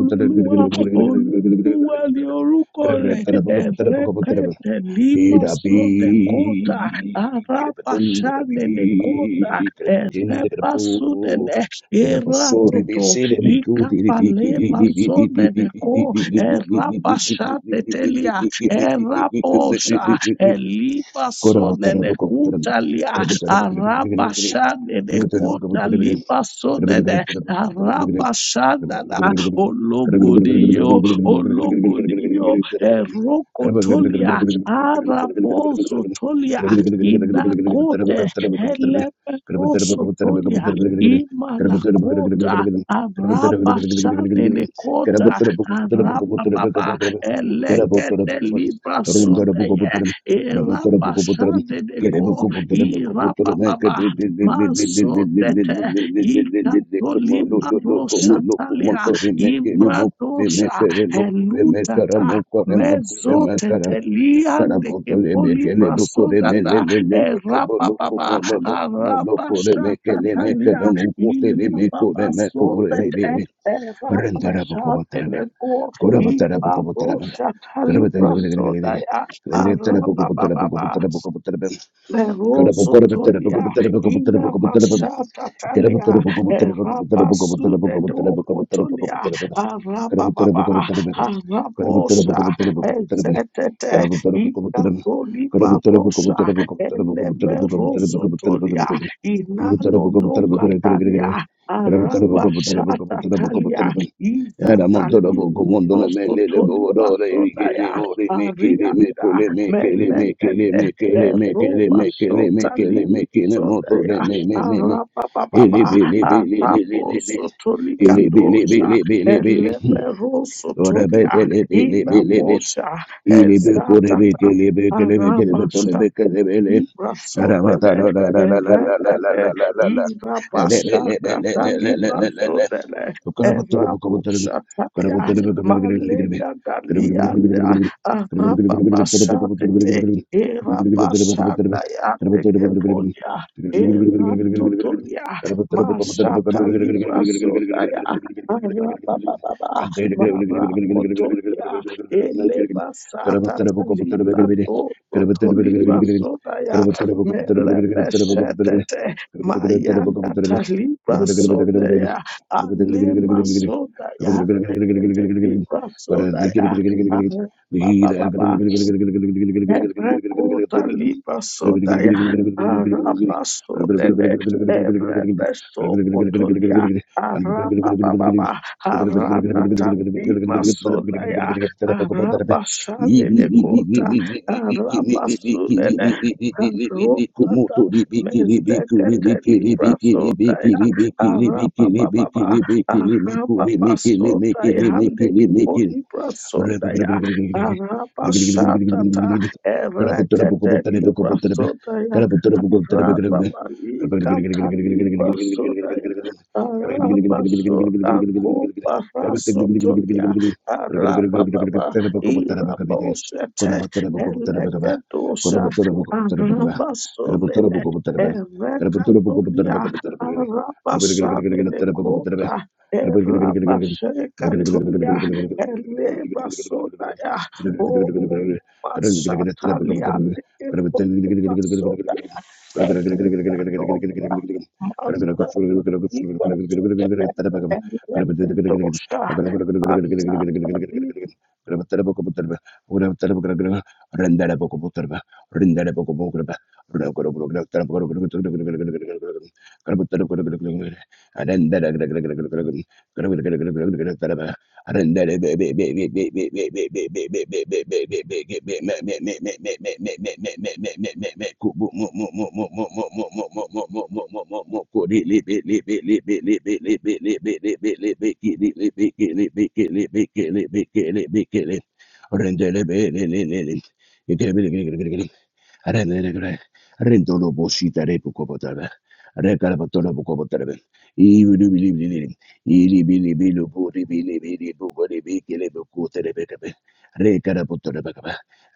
Speaker 2: Olúwa Olúwa ni orúkọ rẹ̀ ẹ̀rẹ́kẹ̀tẹ̀ límà
Speaker 1: Irapi,
Speaker 2: sọ̀dẹ̀ kódà
Speaker 1: kirapatun,
Speaker 2: arábàṣánẹ̀lẹ̀ kódà
Speaker 1: dakarapiki, kirapatin, dakarapu,
Speaker 2: ẹ̀rẹ́bàṣúnẹ̀lẹ̀
Speaker 1: irapasori,
Speaker 2: ìrátòtò
Speaker 1: bisiribiku, diribiki,
Speaker 2: ìkápálẹ́mà sọ̀nẹ̀lẹ̀ kó ẹ̀rábàṣánẹ̀tẹ̀lẹ̀ ẹ̀rábọ̀ṣà ẹ̀límà sọ̀nẹ̀lẹ̀
Speaker 1: Get
Speaker 2: kúdàlẹ̀ arábàṣánẹ̀lẹ̀ kódà límà sọ̀nẹ̀lẹ̀ Rabashana ologodio ologodio erokotolia arabozotolia inakote eleperosotolia imalakota arabashanenekota arabababa elekedelibasodeye
Speaker 1: up, Kere
Speaker 2: irabashaneneko irabababa masodete ikatolibarosatalia Ibradosha elutata mezoteliande ke poliprasodata erapababa harapashatatalia irapabasotete
Speaker 1: Rendarabokobotaraba.
Speaker 2: erapashatedeko
Speaker 1: Gorabotarabokobotaraba. Gorabotarabokobotaraba.
Speaker 2: ipaboshakaliprasodaya harapababa
Speaker 1: Gorabotarabokobotaraba.
Speaker 2: Meroso tolia ina masata talia erapa sude doko tolia araba baba arabosa ezetete ina toliba bosa ele meroso tolia inano noka
Speaker 1: Gorabotarabokobotaraba.
Speaker 2: talia
Speaker 1: Ele
Speaker 2: araba shata talia iza talia Rosso toli basodaya arianda melekete Eroba sotali sodaya arapapapa arapo sotolika dosa elepero sotolia ina inamosha
Speaker 1: Ili bekore
Speaker 2: ezatata
Speaker 1: bekele bekele bekele
Speaker 2: arapa
Speaker 1: betole bekele bele.
Speaker 2: Libra
Speaker 1: Arabata
Speaker 2: Sodele,
Speaker 1: la la la la la la la la
Speaker 2: Evedede,
Speaker 1: la la la
Speaker 2: Ira
Speaker 1: Gracias.
Speaker 2: Bashakata Libra Sodele, Eva Bushatalia, Malega Dalia, Araba Bashatete, Eva Bashadaya, Tegepolia, Eva Totolia, Mashata Libra Sodaya, Araba Baba, Mara Eleba sata talita to to toliba sodaya merebe shetete
Speaker 1: I'm
Speaker 2: maya
Speaker 1: gonna
Speaker 2: kataliba sodaya alema sodaya tekete libra sodaya. Ah, Ba ba ba ba. Erekota liba sodaya arabasodere erebesokotolia arabababa aratatadima sodaya
Speaker 1: be there. Make
Speaker 2: arabashanelekota arabasulele Rotata mezdekete libra sodaya arabababa arababasodaya handekipolibra sodaya arabashatata Erekete libra sodaya. Raba malika talibra sodaya. Arabaso
Speaker 1: Gracias.
Speaker 2: akobaraso tobia arababa irabosete elegedosa arabasolene erekatolia arabasanene kota erabaserekatolia elebasodaya o masatalia eporasoda endoba Iba sudebe and let the dosta. Masa
Speaker 1: Gracias. Rendele are lere gre. Rendolo boshita repu kopotara. Are karabatolo kopotara. Ibu du bili bili bili. Ili bili bili bu ri bili bili bu bu ri bili bili bu ku tere be be. Re karabatolo be be.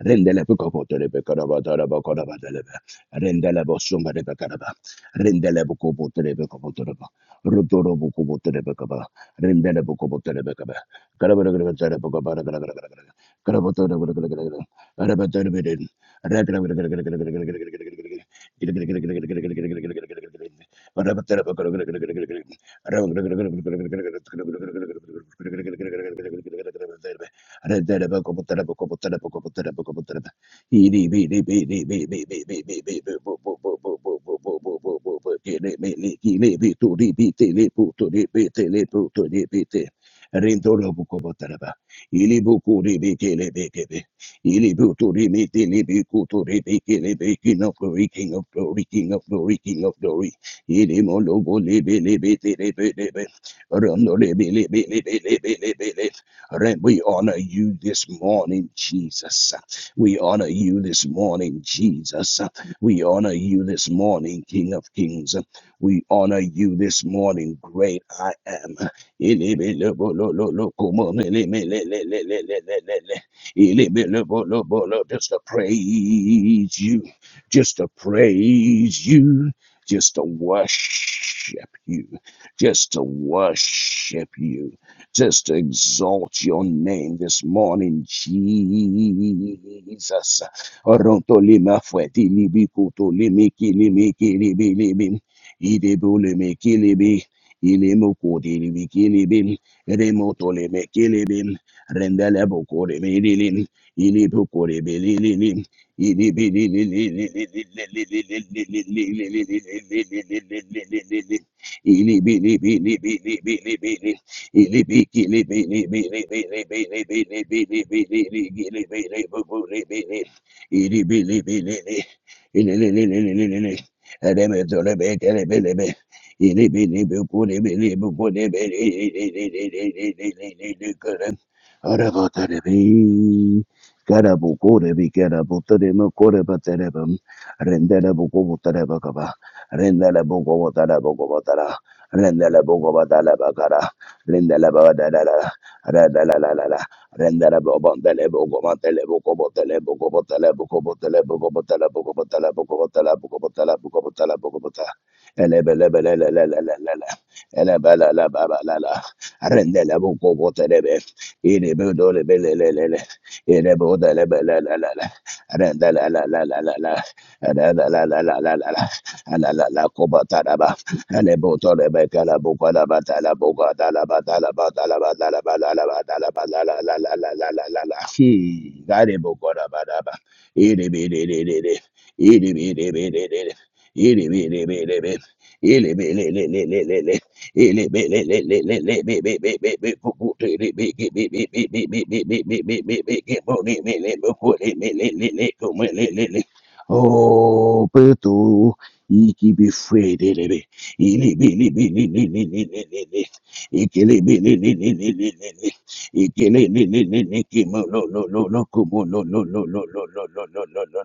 Speaker 1: Rendele bu kopotara be karabatara be karabatara be. Rendele boshuma re be karaba. Rendele bu kopotara be kopotara be. Rotoro bu kopotara be kaba. Rendele bu kopotara be kaba. Karabara karabara karabara karabara karabara. Karabara karabara karabara karabara. Rindoro buko botaraba. Ili buku ribi kele beke King of glory, King of glory, King of glory, King of glory. Ilimolobo lebe lebe lebe lebe. Rondo lebe lebe lebe lebe lebe lebe. Lord, we honor you this morning, Jesus. We honor you this morning, Jesus. We honor you this morning, King of Kings. We honor you this morning, great I am. Just to praise you, just to praise you, just to worship you, just to worship you, just to exalt your name this morning, Jesus. Orontolima fweti libi kuto limi kilimi kilibi libi rendele bokore belilin ili bokore belilin ili bililin ili bili bili bili bili bili ili bili bili bili bili bili bili bili bili bili bili bili bili ili bili bili ili li li li li li li Rebe dole be kere bele be ili bili bukure bili bukure bili ili ili ili ili ili Arabatarebe. Garabu korebe garabu tarema koreba tarebam. Renderabu kobo tareba kaba. Renderabu kobo tarabu kobo tara. Renderabu kobo taraba kara. Renderabu darara. Radalalala. Renderabu bandelebu kobo telebu kobo telebu kobo telebu kobo telebu kobo telebu kobo telebu kobo telebu kobo telebu kobo telebu kobo ta. Elebelebelelelelelele. Elebelelebelelele. Renderabu kobo terebe. Inibudulibilililili. Inibudilibilililili. Adadalalalalala. Adadalalalalala. Alalalakubatalaba. Alibutolibikalabukwalabatalabukwatalabatalabatalabatalabatalabatalabatalabatalabalalala. Hmm. Garibukwalabalaba. Inibilililili. Inibilililili. Inibilililili. Inibilililili. Oh, preto, e que be free, ele ele e que ele e que ele que mo lo lo lo lo como lo lo lo lo lo lo lo lo lo lo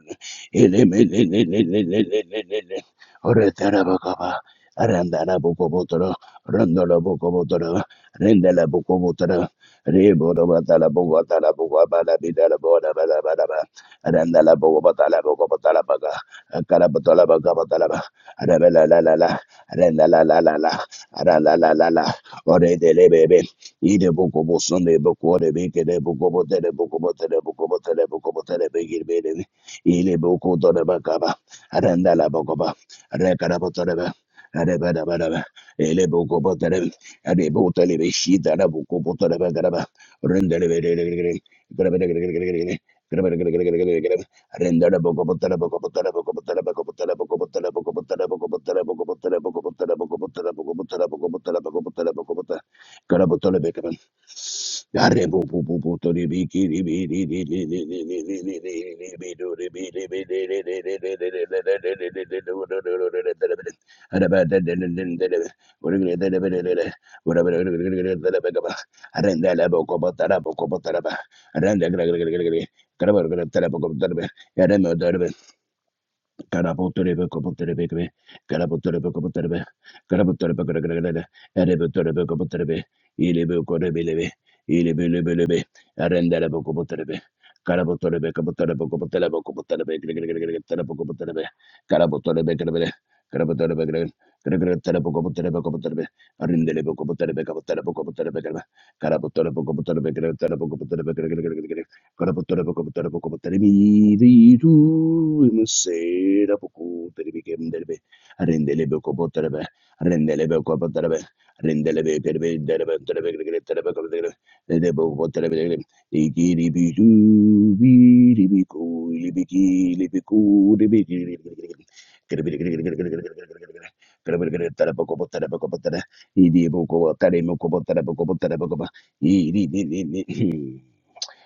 Speaker 1: ele ele ele ele ele ele ele ora tarabacaba arandana Randala Bokobotara, Rendala Bokobotara, Rebodobatala Bogotala Bogabala Bidala Boda Bada Badaba, Randala Bogobatala Bogobatala Baga, Karabatola Bagabatalaba, Arabella La La La, Rendala La La La, Arala La La La, Ore de Lebebe, Ide Bokobo Sunday Bokore Beke de Bokobote de Bokobote de Bokobote de Bokobote de Begir Bede, Ile Boko Dona Bakaba, Arandala Bokoba, Rekarabotareba, Eleboko Elebokopotere, Adebotele, Shita, Rabokopotere, Garaba, Rendele, Yarebo Kara putter be kopp putter be kimi. Kara putter be kopp putter be. Kara putter be kara kara kara kara. Eri putter be kopp putter be. Ilie putter be ilie. Ilie putter be ilie. Arindele be kopp putter be. Kara putter be kopp putter be kopp putter be kopp putter be. Kara putter be kara kara kara kara. Kara putter be kara kara kara kara. Kopp putter be kopp putter be arindele be kopp putter be kopp putter be kara. Kara putter be kopp putter be kara kara kara kara kara. Terebe,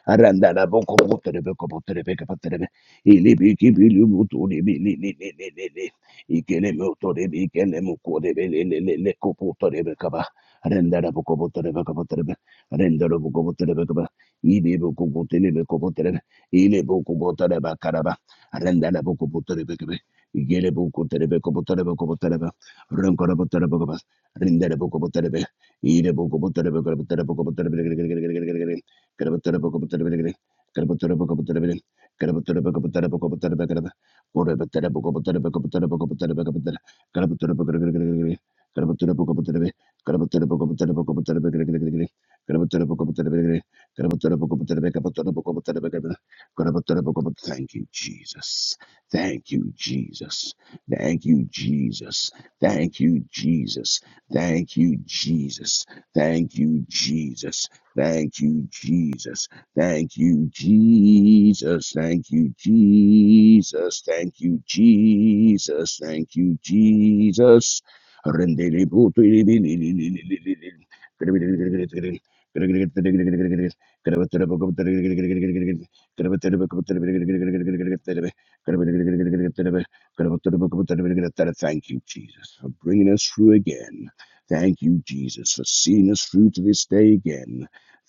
Speaker 1: Arandana boko botere boko botere beke botere be. Ili biki bili butu li bili li li li li li. Ikele me otore bi ikele mu kore be le le le le kopo otore be kaba. Arandana boko botere beke botere be. Arandana boko botere beke ba. Ili boko botere beke botere be. Ili boko botere be karaba. Arandana boko botere beke be. Igele boko botere beke botere beke botere be. Rankara botere beke ba. Arandana boko botere be. Ile boko botere beke botere beke botere be. Thank you, Jesus. Thank you, Jesus. Thank you, Jesus. Thank you, Jesus. Thank you, Jesus. Thank you, Jesus. Thank you, Jesus. Thank you, Jesus. Thank you, Jesus. Thank you, Jesus. Thank you, Jesus. Rendele puto ilibili- Thank you, Jesus, for bringing us through again. Thank you, Jesus, for seeing us through to this day again.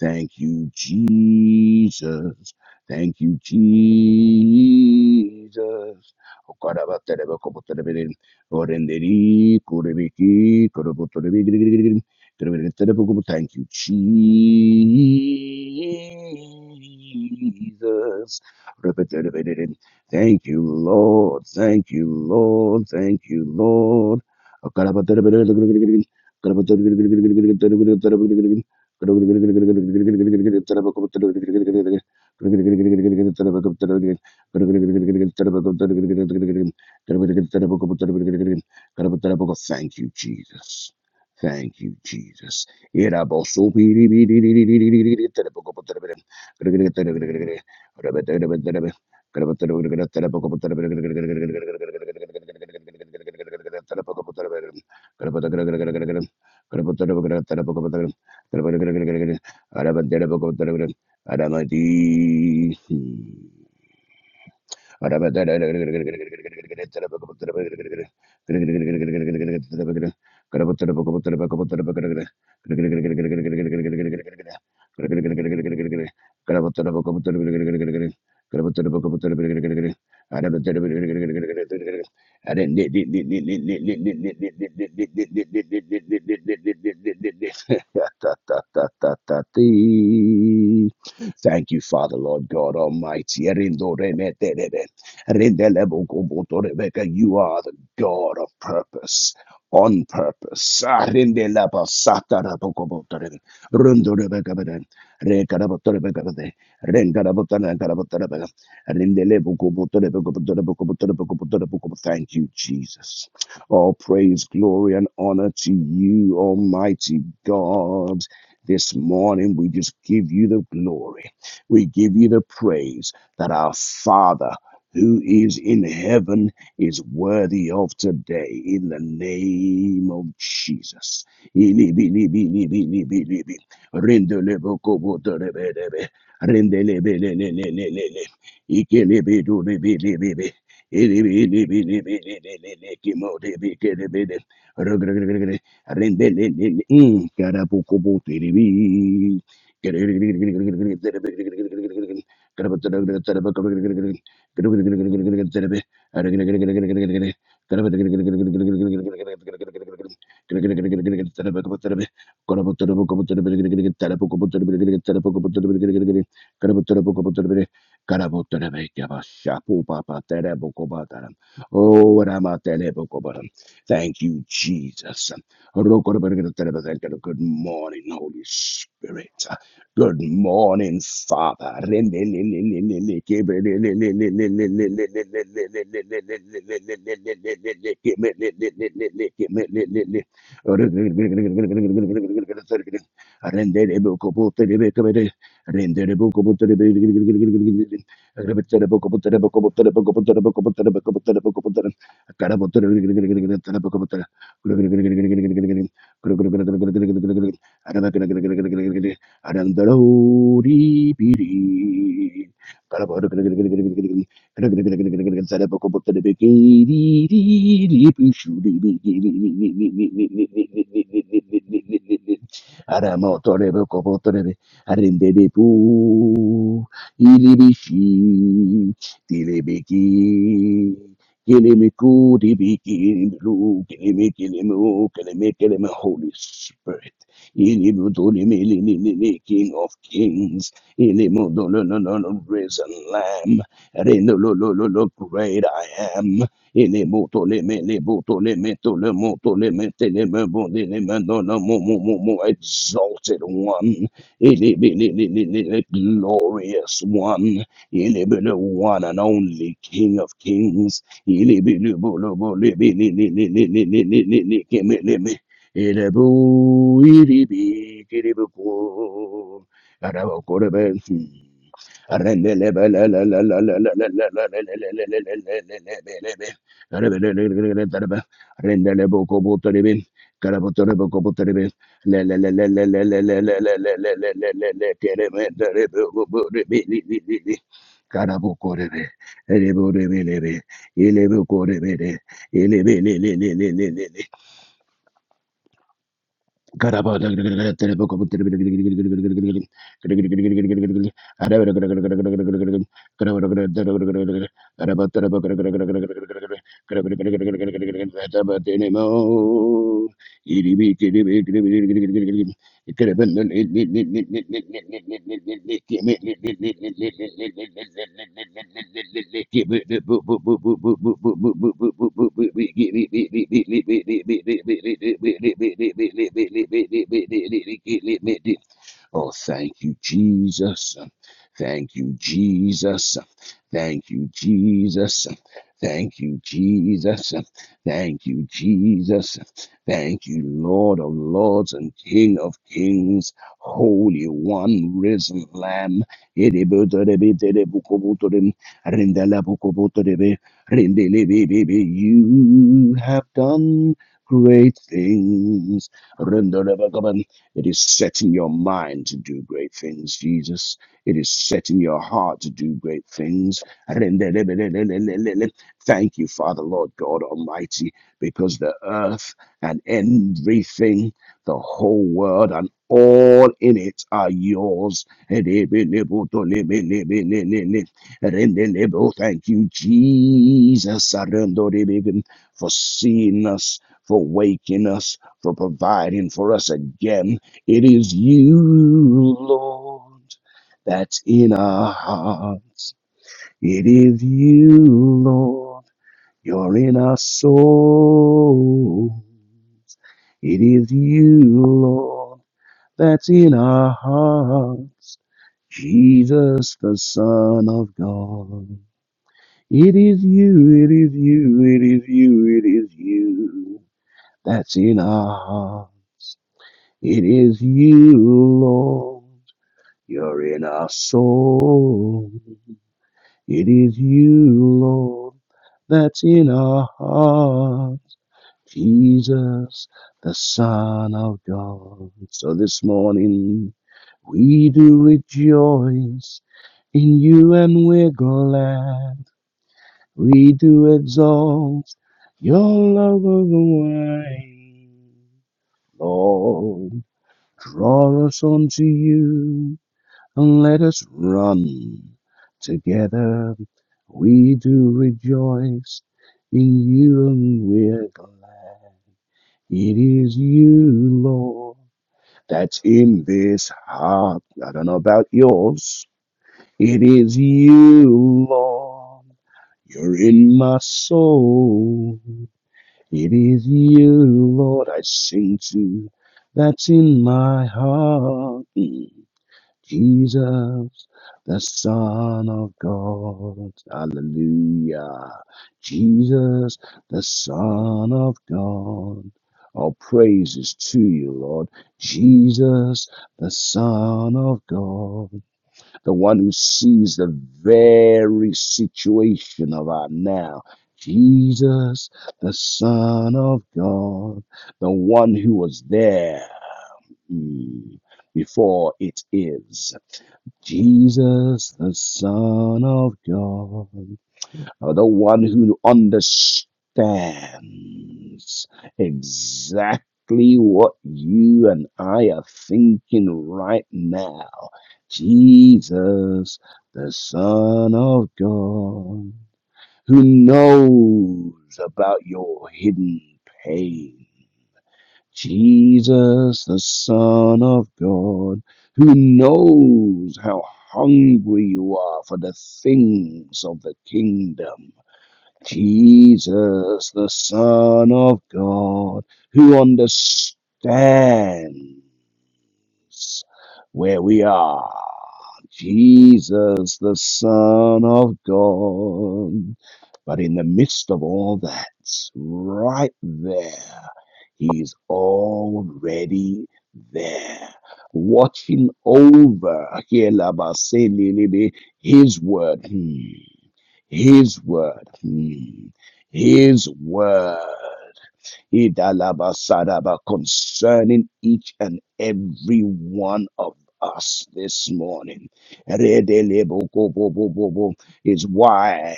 Speaker 1: Thank you, Jesus. Thank you, Jesus. Thank you, Jesus. Thank you, Lord. Thank you, Lord. Thank you, Lord. Thank you, Jesus. Thank you, Jesus. Thank you, Jesus. Arabadere boko, arabadere. Aramadi. Thank you, Father, Lord God Almighty. You are the God of purpose. On purpose. Ah, Thank you, Jesus. All praise, glory, and honor to you, Almighty God. This morning, we just give you the glory. We give you the praise that our Father who is in heaven is worthy of today in the name of Jesus. *laughs* Thank you, Jesus. Good morning, Holy Spirit. Good morning, Father. *laughs* Anandori Biri. Holy Spirit. Ilibudulimi, King of Kings, Ilibudulun, risen Lamb, Rinulululu, great I am, Ilibutulimi, Libutulimi, Tulimutulimi, Tilimibudilimi, Dunamumumu, exalted one, Ilibili, glorious one, Ilibili, one and only King of Kings, Ilibili, Anymore. Oh, thank you, Jesus. Thank you, Jesus. Thank you, Jesus. Thank you, Jesus. Thank you, Jesus. Thank you, Lord of Lords and King of Kings, Holy One, Risen Lamb. You have done great things. Render the it is setting your mind to do great things, Jesus. It is setting your heart to do great things. Thank you, Father, Lord God Almighty, because the earth and everything, the whole world and all in it are yours. Thank you, Jesus, for seeing us, for waking us, for providing for us again. It is you, Lord, that's in our hearts. It is you, Lord, you're in our soul. It is you, Lord, that's in our hearts. Jesus, the Son of God. It is you, it is you, it is you, it is you that's in our hearts. It is you, Lord. You're in our soul. It is you, Lord, that's in our heart. Jesus, the Son of God. So this morning we do rejoice in you and we're glad. We do exalt your love of the way. Lord, draw us unto you let us run together. We do rejoice in you, and we're glad. It is you, Lord, that's in this heart. I don't know about yours. It is you, Lord. You're in my soul. It is you, Lord, I sing to. That's in my heart. Jesus, the Son of God. Hallelujah. Jesus, the Son of God. All praises to you, Lord. Jesus, the Son of God. The one who sees the very situation of our now. Jesus, the Son of God. The one who was there mm, before it is. Jesus, the Son of God, the one who understands exactly what you and I are thinking right now. Jesus, the Son of God, who knows about your hidden pain Jesus, the Son of God, who knows how hungry you are for the things of the kingdom. Jesus, the Son of God, who understands where we are Jesus, the Son of God. But in the midst of all that, right there, He's already there, watching over His word, hmm, His word, hmm, His word. Idalabasadaba, concerning each and every one of us this morning. Redelebokobobobobo Is why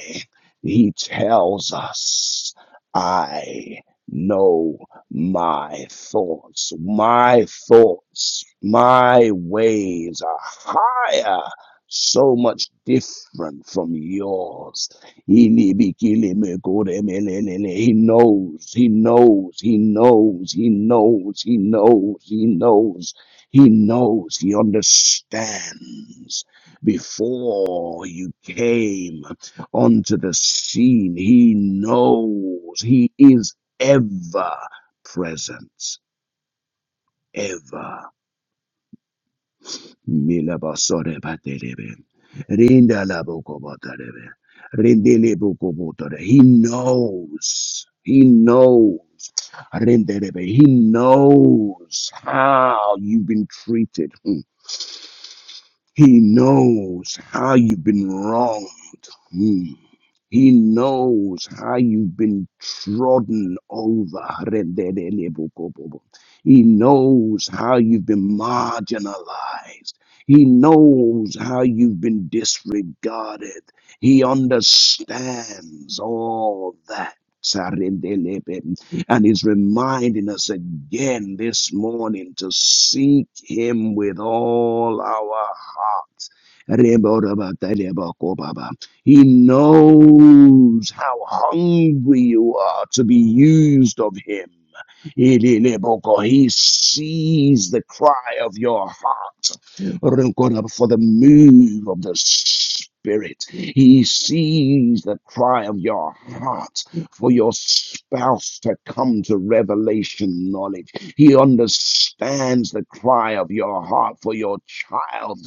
Speaker 1: he tells us, I know my thoughts. My thoughts, my ways are higher, so much different from yours. He li- be kili me kore me le le le. He knows, he knows, he knows, he knows, he knows, he knows, he knows, he understands. Before you came onto the scene, he knows, he is ever present, ever. Milabasore Baterebe. Rinda Labuko Baterebe. Rindele Buko Botare. He knows. He knows. Renderebe. He knows how you've been treated. Hmm. He knows how you've been wronged. Mm. He knows how you've been trodden over. He knows how you've been marginalized. He knows how you've been disregarded. He understands all that. And he's reminding us again this morning to seek him with all our heart rebo raba de rebo ko ba He knows how hungry you are to be used of Him. Ilileboko. He sees the cry of your heart Rinkoda, for the move of the Spirit. He sees the cry of your heart for your spouse to come to revelation knowledge. He understands the cry of your heart for your child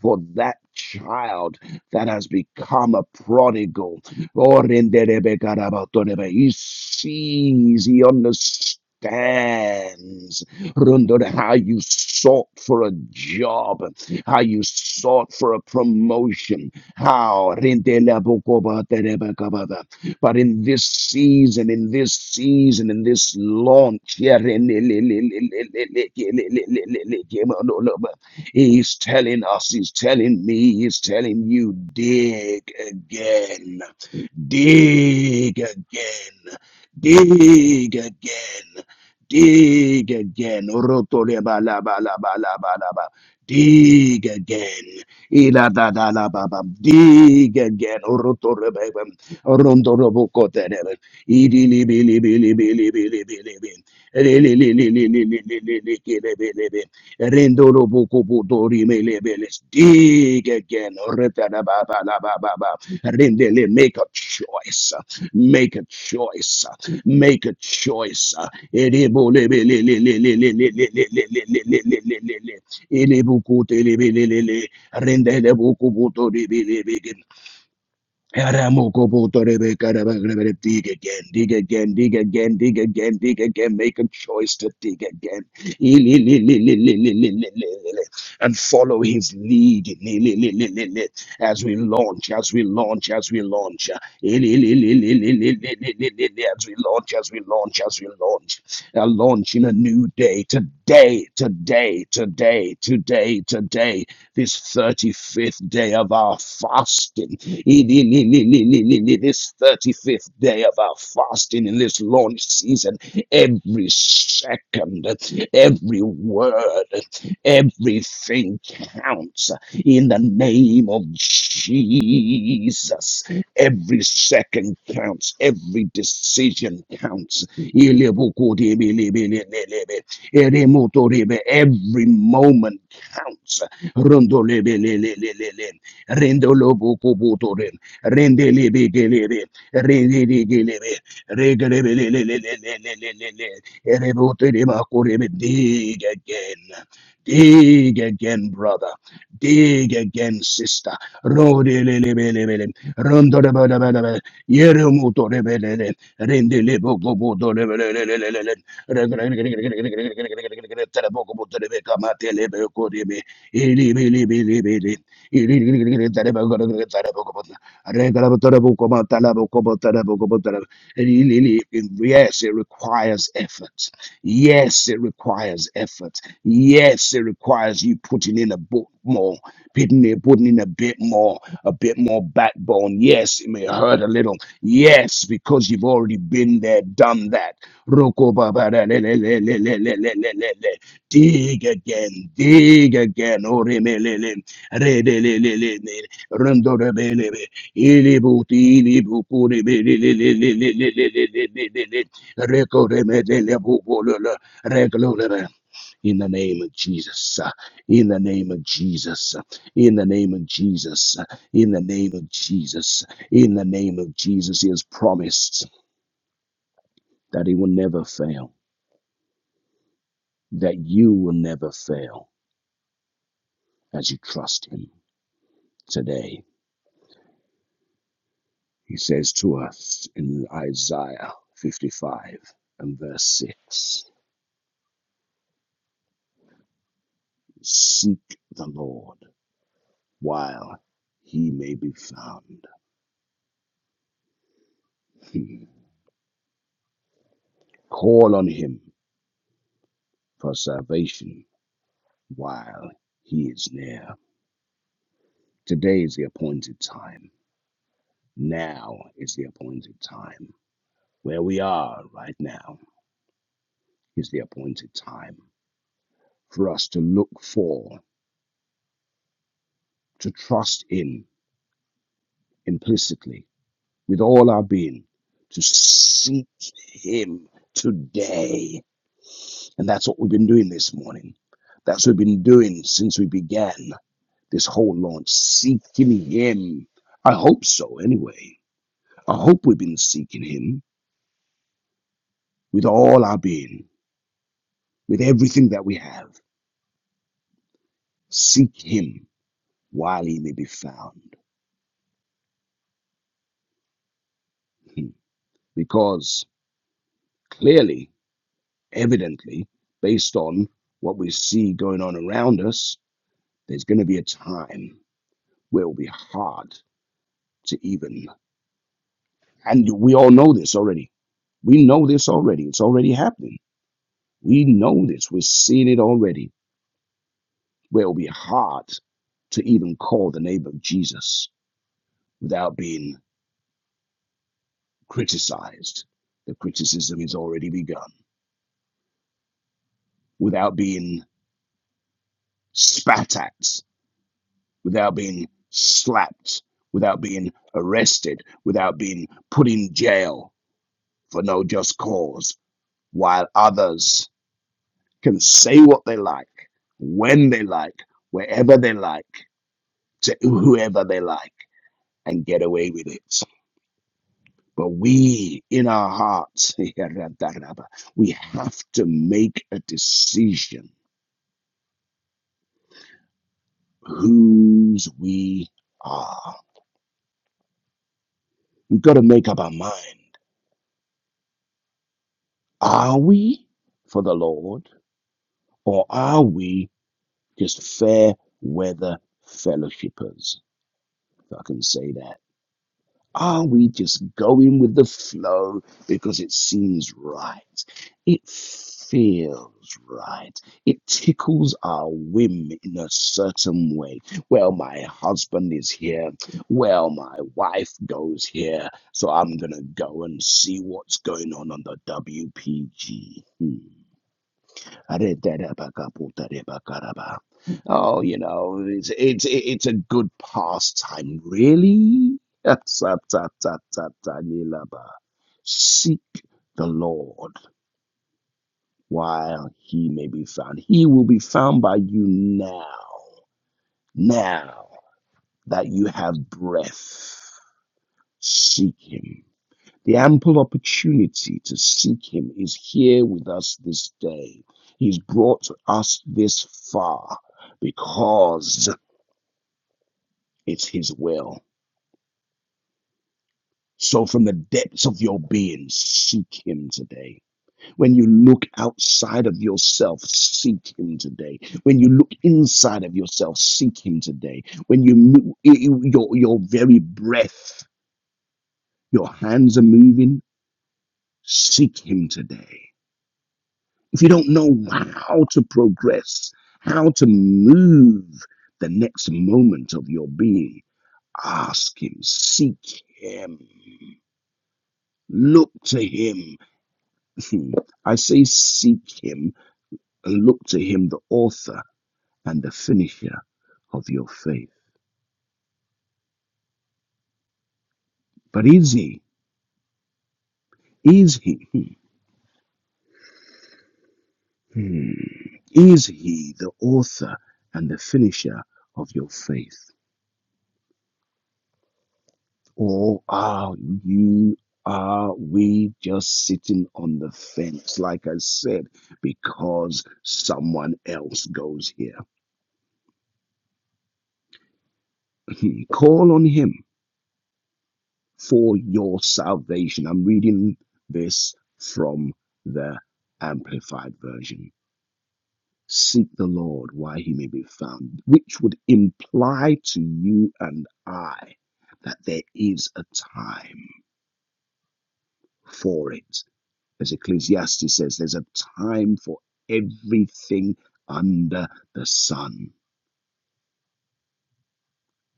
Speaker 1: for that child that has become a prodigal. He sees, he understands Rundle, how you sought for a job, how you sought for a promotion, how. But in this season, in this season, in this launch, yeah, He's telling us, he's telling me, he's telling you, dig again, dig again, dig again, dig again. Rotole ba la ba la ba Dig again. Ila da Dig again. Rotore ba ba. Rondo robo kote ne ba. Idi li bi li bi li bi li bi li bi Rendolo boko bodo rimele beles. Dig again. Refada ba ba la Rendele, make a choice. Make a choice. Make a choice. Erebo le be le le le le le le le le le le le le le le le. Ele le le le Rendele boko bodo le Aramoko boto rebe karaba grebe dig again, dig again, dig again, dig again, dig again. Make a choice to dig again. Ili- li- li- li- li- li- li- li- li- And follow his lead Li- li- li- li- li- li. as we launch, as we launch, as we launch. Ili- li- li- li- li- li- li- li- li- As we launch, as we launch, as we launch. A launch in a new day. Today, today, today, today, today this 35th day of our fasting, in- in- in- in- in- in- in- in this 35th day of our fasting in this launch season, every second, every word, everything counts in the name of Jesus. Every second counts, every decision counts. Every moment counts rondo lebe le le le le le rendo lobo kubutore rende lebe gelebe rende gelebe regelebe le le le le le le le le rebote de makurebe dig again dig again brother dig again sister rode le le le le le rondo le le le le yere muto le le le rende le bobo le le le le le le Yes, it requires effort. Yes, it requires effort. Yes, it requires you putting in a bit more, putting in, putting in a bit more, a bit more backbone. Yes, it may hurt a little. Yes, because you've already been there, done that. Dig again, dig again. Oremelele, rebelelele, rondorebelele, ilibuti, ilibukuri, belelelelelelelelelelele, rekoremedele, bubololo, reglolere. In the name of Jesus, in the name of Jesus, in the name of Jesus, in the name of Jesus, in the name of Jesus, He has promised that He will never fail, that you will never fail as you trust Him today. He says to us in Isaiah 55 and verse 6 Seek the Lord while he may be found, *laughs* Hmm. call on him for salvation while he is near. Today is the appointed time. Now is the appointed time. Where we are right now is the appointed time for us to look for, to trust in implicitly with all our being to seek Him today. And that's what we've been doing this morning. That's what we've been doing since we began this whole launch, seeking Him. I hope so, anyway. I hope we've been seeking Him with all our being, with everything that we have. Seek Him while He may be found. Hmm. Because clearly, evidently, based on what we see going on around us, there's going to be a time will be hard to even. And we all know this already. We know this already. It's already happening. We know this. We're seeing it already. Where it'll be hard to even call the name of Jesus without being criticized. The criticism is already begun. Without being spat at, without being slapped, without being arrested, without being put in jail for no just cause, while others can say what they like, when they like, wherever they like, to whoever they like, and get away with it. But we, in our hearts, *laughs* we have to make a decision whose we are. We've got to make up our mind. Are we for the Lord, or are we just fair weather fellowshippers? If I can say that. Are we just going with the flow because it seems right? It feels right. It tickles our whim in a certain way. Well, my husband is here. Well, my wife goes here. So I'm going to go and see what's going on on the WPG. Oh, you know, it's it's it's a good pastime, really. Seek the Lord while he may be found. He will be found by you now, now that you have breath. Seek him. The ample opportunity to seek Him is here with us this day. He's brought us this far because it's His will. So, from the depths of your being, seek Him today. When you look outside of yourself, seek Him today. When you look inside of yourself, seek Him today. When you your your very breath, your hands are moving, seek Him today if you don't know how to progress, how to move the next moment of your being, ask Him, seek Him, look to Him. *laughs* I say, seek Him and look to Him, the author and the finisher of your faith. But is He? Is He? Hmm. Hmm. Is He the author and the finisher of your faith? or are you are we just sitting on the fence like i said because someone else goes here *laughs* call on him for your salvation i'm reading this from the amplified version seek the lord while he may be found which would imply to you and i that there is a time for it as Ecclesiastes says, there's a time for everything under the sun,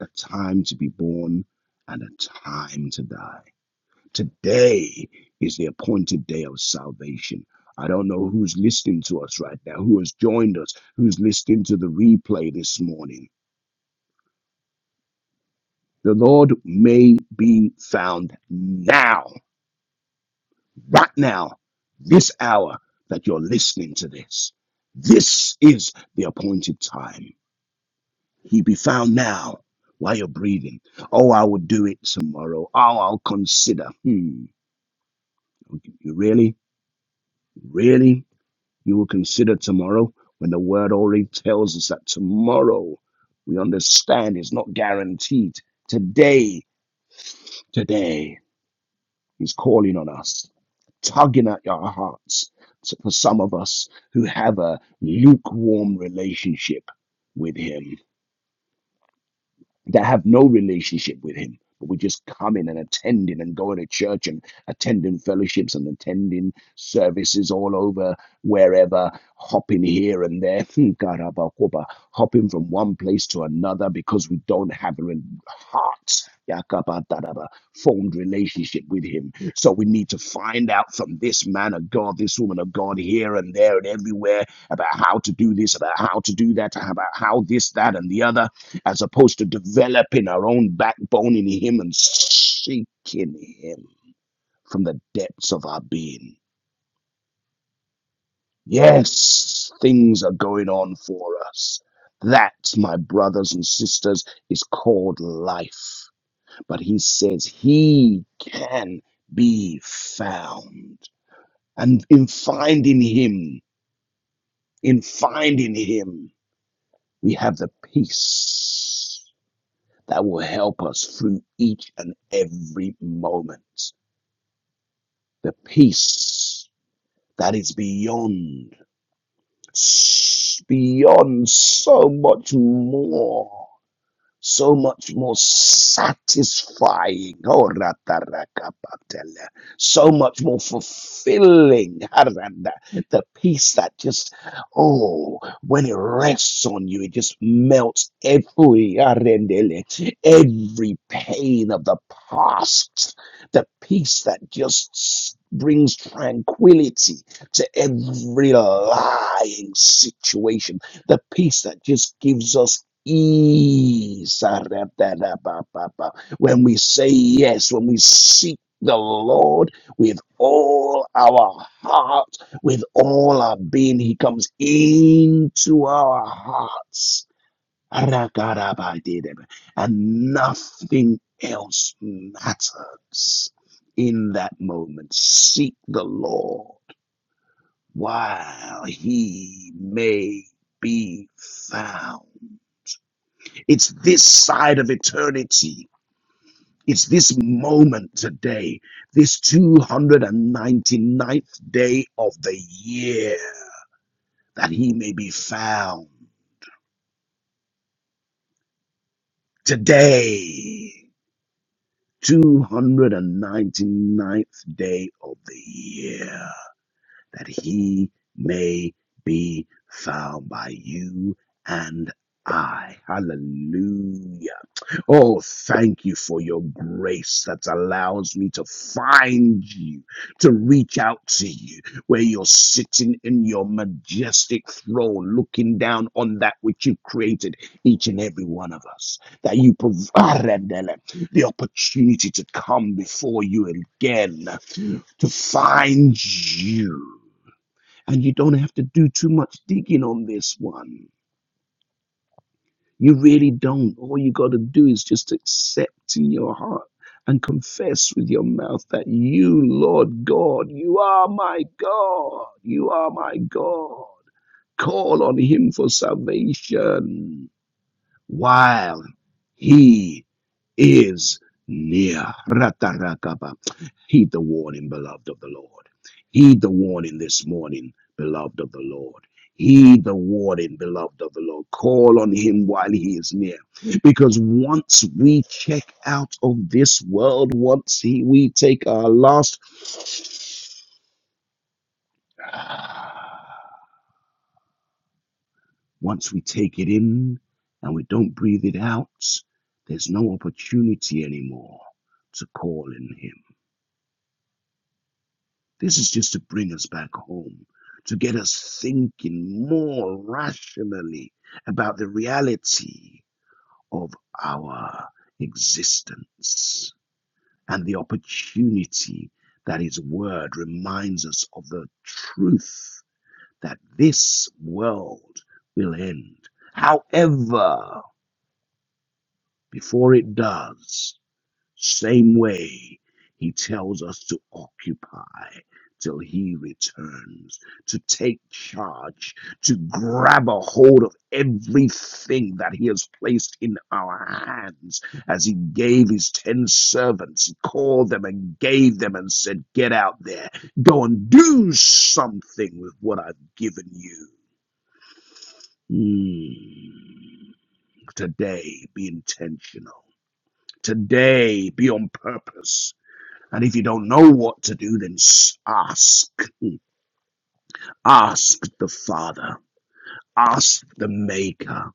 Speaker 1: a time to be born and a time to die. Today is the appointed day of salvation. I don't know who's listening to us right now, who has joined us, who's listening to the replay this morning. The Lord may be found now, right now, this hour that you're listening to this. This is the appointed time. He be found now while you're breathing. Oh, I will do it tomorrow. Oh, I'll consider. Hmm. You really, really, you will consider tomorrow when the word already tells us that tomorrow we understand is not guaranteed. Today, today, He's calling on us, tugging at our hearts. So For some of us who have a lukewarm relationship with Him that have no relationship with him but we just come in and attending and going to church and attending fellowships and attending services all over wherever hopping here and there *laughs* Hmm, karabakoba, hopping from one place to another because we don't have a re- heart yakabadaraba, formed relationship with him so we need to find out from this man of god this woman of god here and there and everywhere about how to do this about how to do that about how this that and the other as opposed to developing our own backbone in Him and seeking Him from the depths of our being. Yes, things are going on for us. That, my brothers and sisters, is called life. But He says He can be found. And in finding Him, in finding Him, we have the peace that will help us through each and every moment. the peace that is beyond, beyond so much more so much more satisfying. Oh, ratarakapatele. So much more fulfilling. Harada. The peace that just, oh, when it rests on you, it just melts every, arendele, every pain of the past. The peace that just brings tranquility to every lying situation. The peace that just gives us Ee-sa-ra-da-da-ba-ba-ba. When we say yes, when we seek the Lord with all our heart, with all our being, He comes into our hearts. And nothing else matters in that moment. Seek the Lord while He may be found. It's this side of eternity. It's this moment today, this 299th day of the year, that he may be found. Today, 299th day of the year, that he may be found by you and I. Hallelujah. Oh, thank you for your grace that allows me to find you, to reach out to you, where you're sitting in your majestic throne, looking down on that which you created, each and every one of us. That you provided the opportunity to come before you again, to find you. And you don't have to do too much digging on this one. You really don't. All you got to do is just accept in your heart and confess with your mouth that you, Lord God, you are my God. You are my God. Call on Him for salvation while he is near. Ratarakaba. Heed the warning, beloved of the Lord. Heed the warning this morning, beloved of the Lord. Heed the warning, beloved of the Lord. Call on him while he is near. Because once we check out of this world, once he, we take our last Once we take it in and we don't breathe it out, there's no opportunity anymore to call in Him. This is just to bring us back home, to get us thinking more rationally about the reality of our existence and the opportunity that His Word reminds us of the truth that this world will end. However, Before it does, same way he tells us to occupy till he returns, to take charge, to grab a hold of everything that he has placed in our hands. As he gave his ten servants, he called them and gave them and said, Get out there, go and do something with what I've given you. Hmm. Today, be intentional Today, be on purpose. And if you don't know what to do, then ask. Ask the Father. Ask the Maker.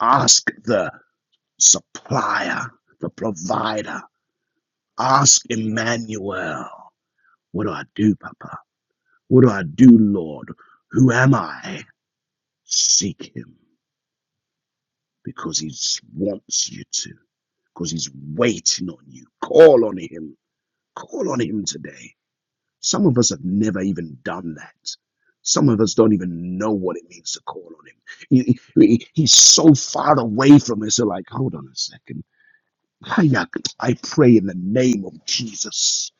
Speaker 1: Ask the supplier, the provider. Ask Emmanuel. What do I do, Papa? What do I do, Lord? Who am I? Seek Him because He wants you to, because He's waiting on you. Call on Him. Call on Him today Some of us have never even done that. Some of us don't even know what it means to call on him. He- he- he's so far away from us. They're like, hold on a second. I pray in the name of Jesus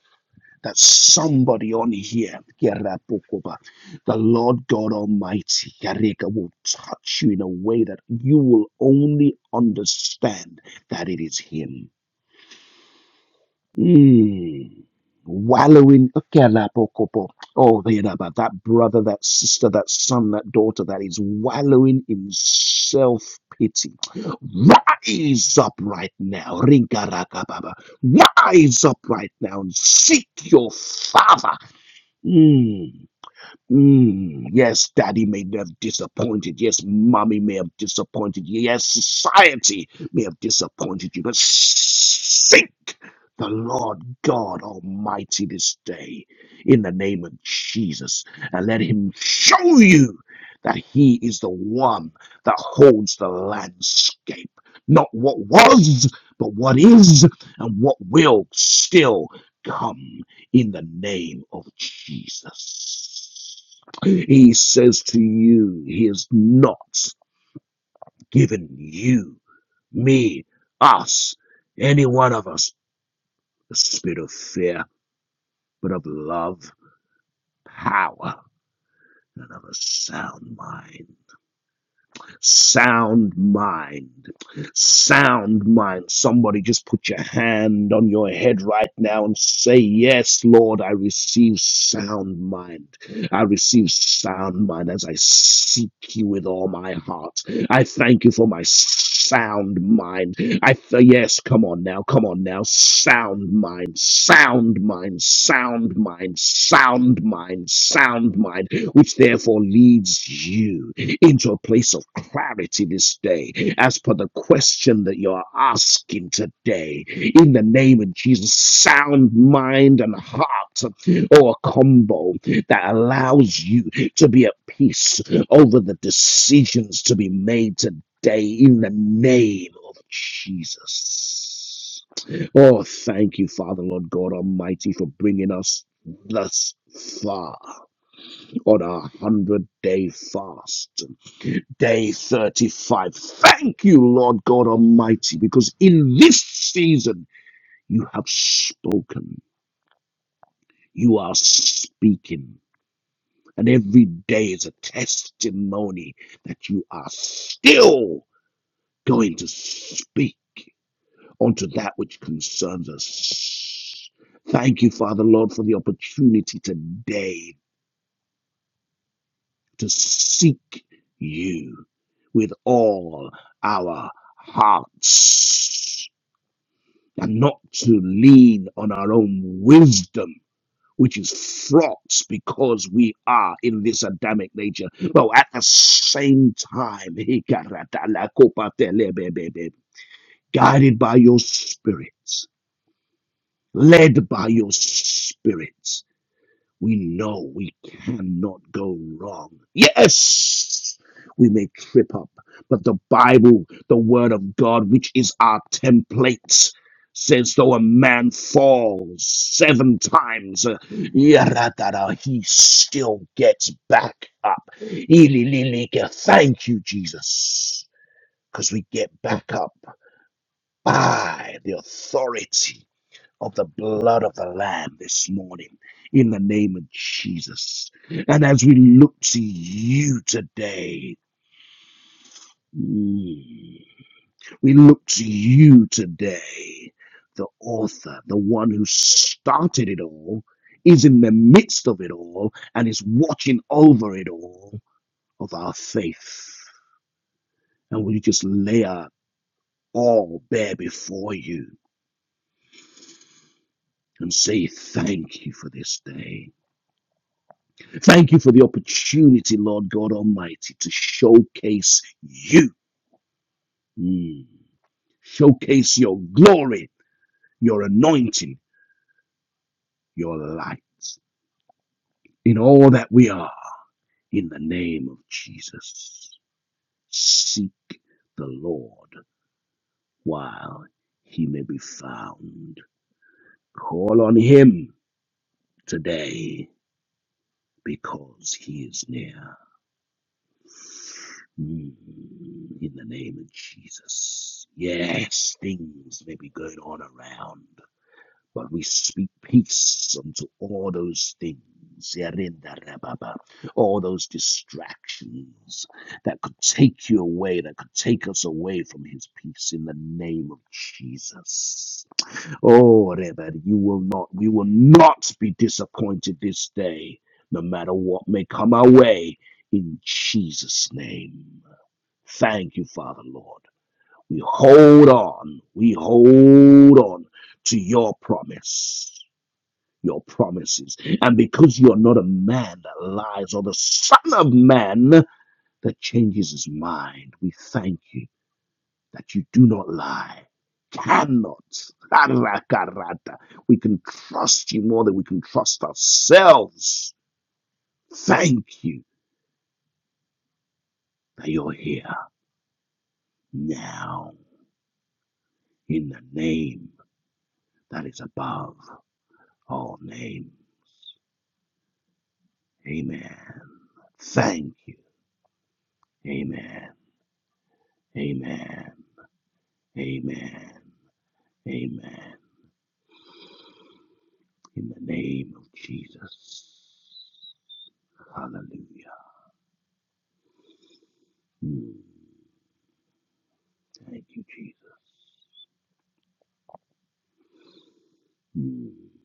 Speaker 1: that somebody on here, Gerapokoba, the Lord God Almighty, Yareka, will touch you in a way that you will only understand that it is Him. Mm. Wallowing. Okelapokopop. Oh, they know about that brother, that sister, that son, that daughter that is wallowing in self pity. Rise up right now. Ringarakababa. Rise up right now and seek your father. Mm. Mm, yes, daddy may have disappointed. Yes, mommy may have disappointed you. Yes, society may have disappointed you. But seek the Lord God Almighty this day in the name of Jesus and let Him show you that He is the one that holds the landscape. Not what was, but what is and what will still come in the name of Jesus. He says to you, He has not given you, me, us, any one of us, the spirit of fear, but of love, power, and of a sound mind. sound mind sound mind somebody just put your hand on your head right now and say yes lord i receive sound mind i receive sound mind as i seek you with all my heart i thank you for my sound mind i th- yes come on now come on now sound mind sound mind sound mind sound mind sound mind which therefore leads you into a place of clarity this day as per the question that you're asking today. In the name of Jesus, sound mind and heart, or a combo that allows you to be at peace over the decisions to be made today in the name of Jesus. Oh, thank you, Father, Lord God Almighty, for bringing us thus far on our 100 day fast. Day 35. Thank you, Lord God Almighty, because in this season you have spoken. You are speaking. And every day is a testimony that you are still going to speak unto that which concerns us. Thank you, Father Lord, for the opportunity today to seek you with all our hearts. and not to lean on our own wisdom, which is fraught because we are in this Adamic nature. But at the same time, *laughs* guided by your spirit, led by your spirit we know we cannot go wrong. Yes, we may trip up, but the Bible, the Word of God, which is our template, says though a man falls seven times, uh, yaradada, he still gets back up. Ilililike. Thank you, Jesus, because we get back up by the authority of the blood of the Lamb this morning in the name of Jesus. And as we look to you today, mm, we look to you today, the author, the one who started it all, is in the midst of it all, and is watching over it all of our faith. And we just lay our all bare before you and say thank you for this day. Thank you for the opportunity, Lord God Almighty, to showcase you. Mm. Showcase your glory, your anointing, your light in all that we are. In the name of Jesus, seek the Lord while he may be found. Call on him today because he is near. Mm, in the name of Jesus. Yes, things may be going on around, but we speak peace unto all those things. Yarinda rababa, All those distractions that could take you away, that could take us away from his peace in the name of Jesus. Oh, Rebbe, you will not, we will not be disappointed this day, no matter what may come our way, in Jesus' name. Thank you, Father Lord. We hold on, we hold on to your promise, your promises. And because you are not a man that lies or the son of man that changes his mind, we thank you that you do not lie, cannot. We can trust you more than we can trust ourselves. Thank you that you're here now in the name that is above all name. Amen. Thank you. Amen. Amen. Amen. Amen. In the name of Jesus. Hallelujah. Mm. Thank you, Jesus. Mm.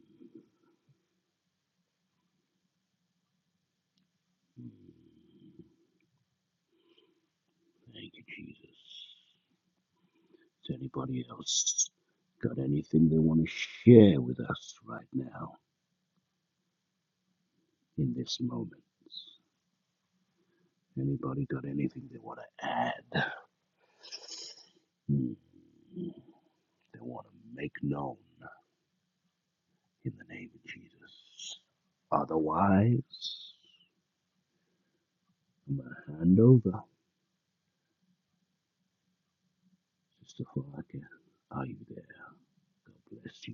Speaker 1: Thank you, Jesus. Does anybody else got anything they want to share with us right now in this moment? Anybody got anything they want to add? Hmm. They want to make known in the name of Jesus. Otherwise, I'm going to hand over. Sister Faraka, are you there? God bless you.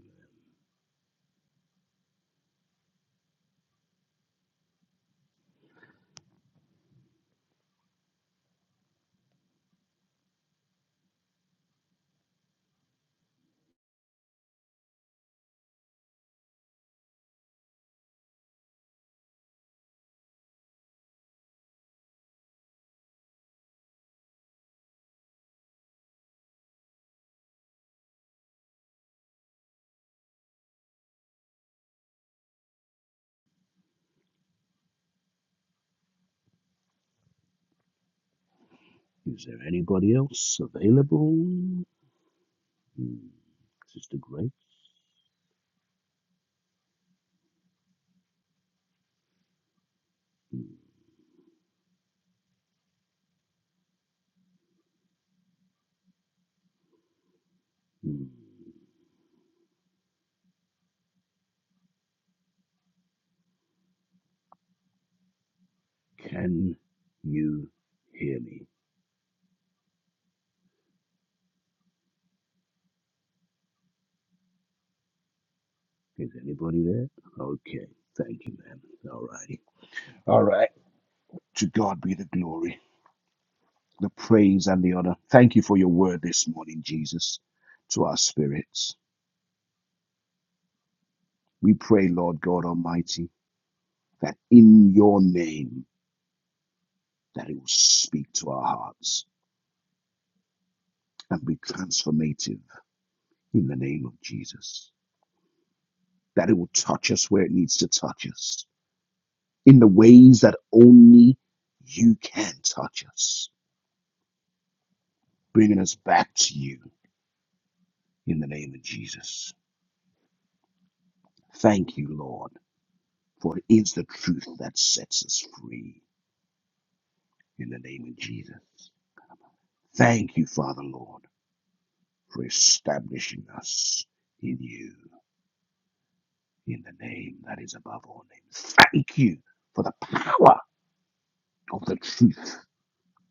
Speaker 1: Is there anybody else available? Hmm. Sister Grace? Hmm. Hmm. Can you hear me? Is anybody there? Okay. Thank you, ma'am. All righty. All right. To God be the glory, the praise, and the honor. Thank you for your word this morning, Jesus, to our spirits. We pray, Lord God Almighty, that in your name, that it will speak to our hearts and be transformative in the name of Jesus. That it will touch us where it needs to touch us in the ways that only you can touch us bringing us back to you in the name of Jesus. Thank you, Lord, for it is the truth that sets us free in the name of Jesus. Thank you, Father, Lord, for establishing us in you in the name that is above all names. Thank you for the power of the truth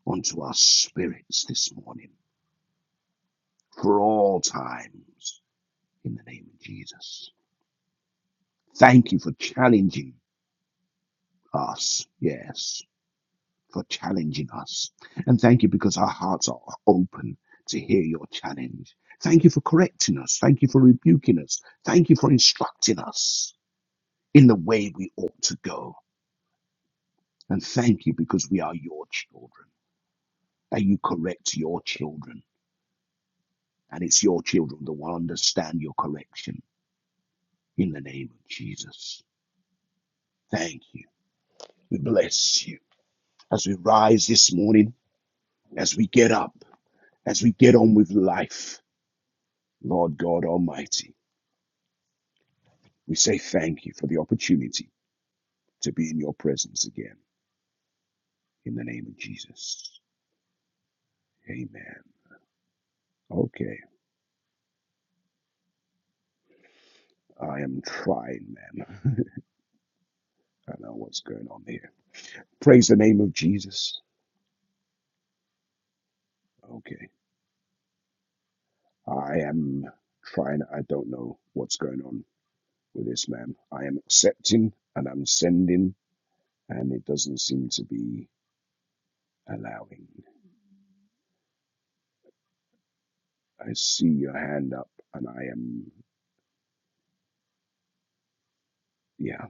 Speaker 1: unto our spirits this morning for all times in the name of Jesus. Thank you for challenging us, yes, for challenging us. And thank you because our hearts are open to hear your challenge. Thank you for correcting us. Thank you for rebuking us. Thank you for instructing us in the way we ought to go. And thank you because we are your children and you correct your children. And it's your children that will understand your correction in the name of Jesus. Thank you. We bless you. As we rise this morning, as we get up, as we get on with life, Lord God Almighty. We say thank you for the opportunity to be in your presence again. In the name of Jesus. Amen. Okay. I am trying, man. *laughs* I don't know what's going on here. Praise the name of Jesus. Okay. I am trying. I don't know what's going on with this, man. I am accepting and I'm sending, and it doesn't seem to be allowing. I see your hand up, and I am, yeah.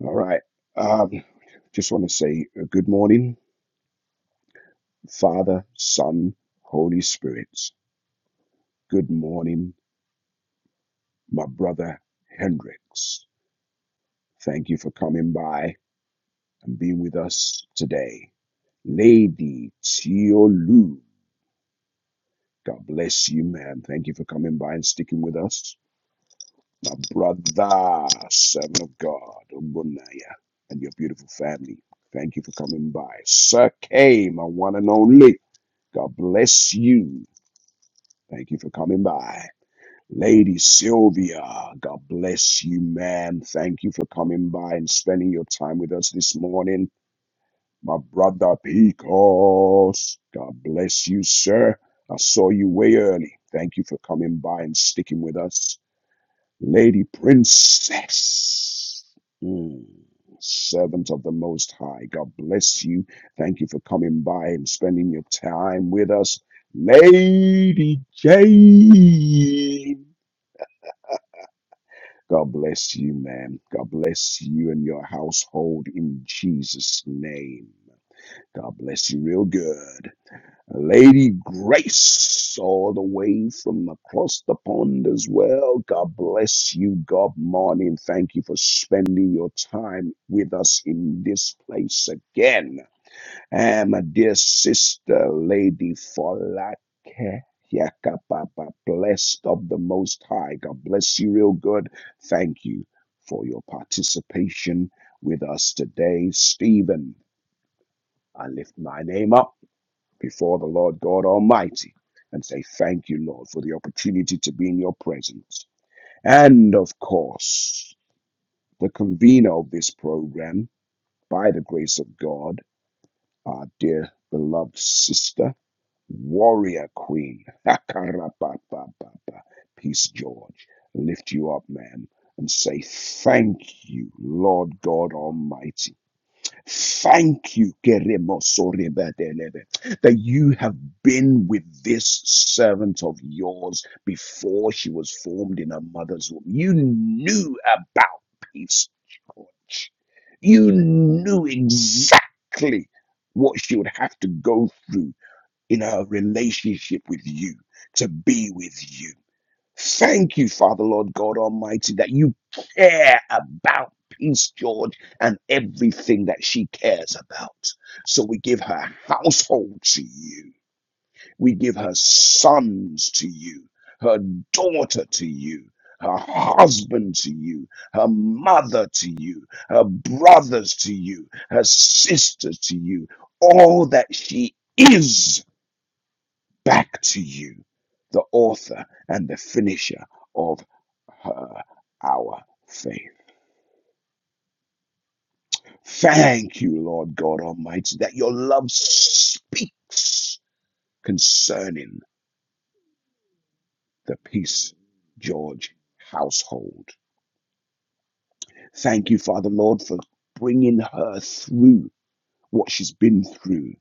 Speaker 1: All right. Um, just want to say uh, good morning. Father, Son, Holy Spirit. Good morning, my brother Hendricks. Thank you for coming by and being with us today. Lady Tiolu, God bless you, man. Thank you for coming by and sticking with us. My brother, servant of God, Ogunaya, and your beautiful family. Thank you for coming by. Sir Kay, my one and only. God bless you. Thank you for coming by. Lady Sylvia, God bless you, ma'am. Thank you for coming by and spending your time with us this morning. My brother Picos, God bless you, sir. I saw you way early. Thank you for coming by and sticking with us. Lady Princess, mm, servant of the Most High, God bless you. Thank you for coming by and spending your time with us. Lady Jane. God bless you, man. God bless you and your household in Jesus' name. God bless you real good. Lady Grace, all the way from across the pond as well. God bless you. God morning. Thank you for spending your time with us in this place again. And my dear sister, Lady Falake, Yakapapa, blessed of the Most High. God bless you real good. Thank you for your participation with us today. Stephen, I lift my name up before the Lord God Almighty and say thank you, Lord, for the opportunity to be in your presence. And of course, the convener of this program, by the grace of God, our dear beloved sister. Warrior Queen. *laughs* Akarapapapapa. Peace, George. Lift you up, man, and say thank you, Lord God Almighty. Thank you, Keremosorebadelebe, that you have been with this servant of yours before she was formed in her mother's womb. You knew about peace, George. You knew exactly what she would have to go through in our relationship with you, to be with you. Thank you, Father, Lord God Almighty, that you care about Peace George and everything that she cares about. So we give her household to you, we give her sons to you, her daughter to you. Her husband to you, her mother to you, her brothers to you, her sisters to you, all that she is back to you, the author and the finisher of her, our faith. Thank you, Lord God Almighty, that your love speaks concerning the Peace George household. Thank you, Father Lord, for bringing her through what she's been through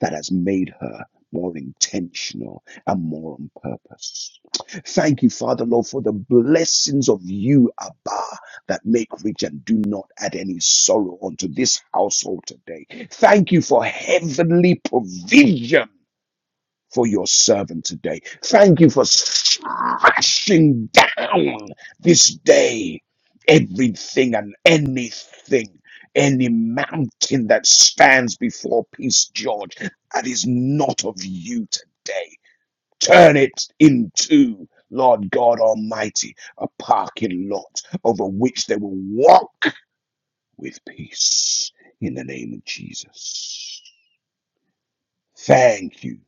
Speaker 1: that has made her more intentional and more on purpose. Thank you, Father Lord, for the blessings of you, Abba, that make rich and do not add any sorrow unto this household today. Thank you for heavenly provision for your servant today. Thank you for smashing down this day everything and anything, any mountain that stands before Peace George that is not of you today. Turn it into, Lord God Almighty, a parking lot over which they will walk with peace in the name of Jesus. Thank you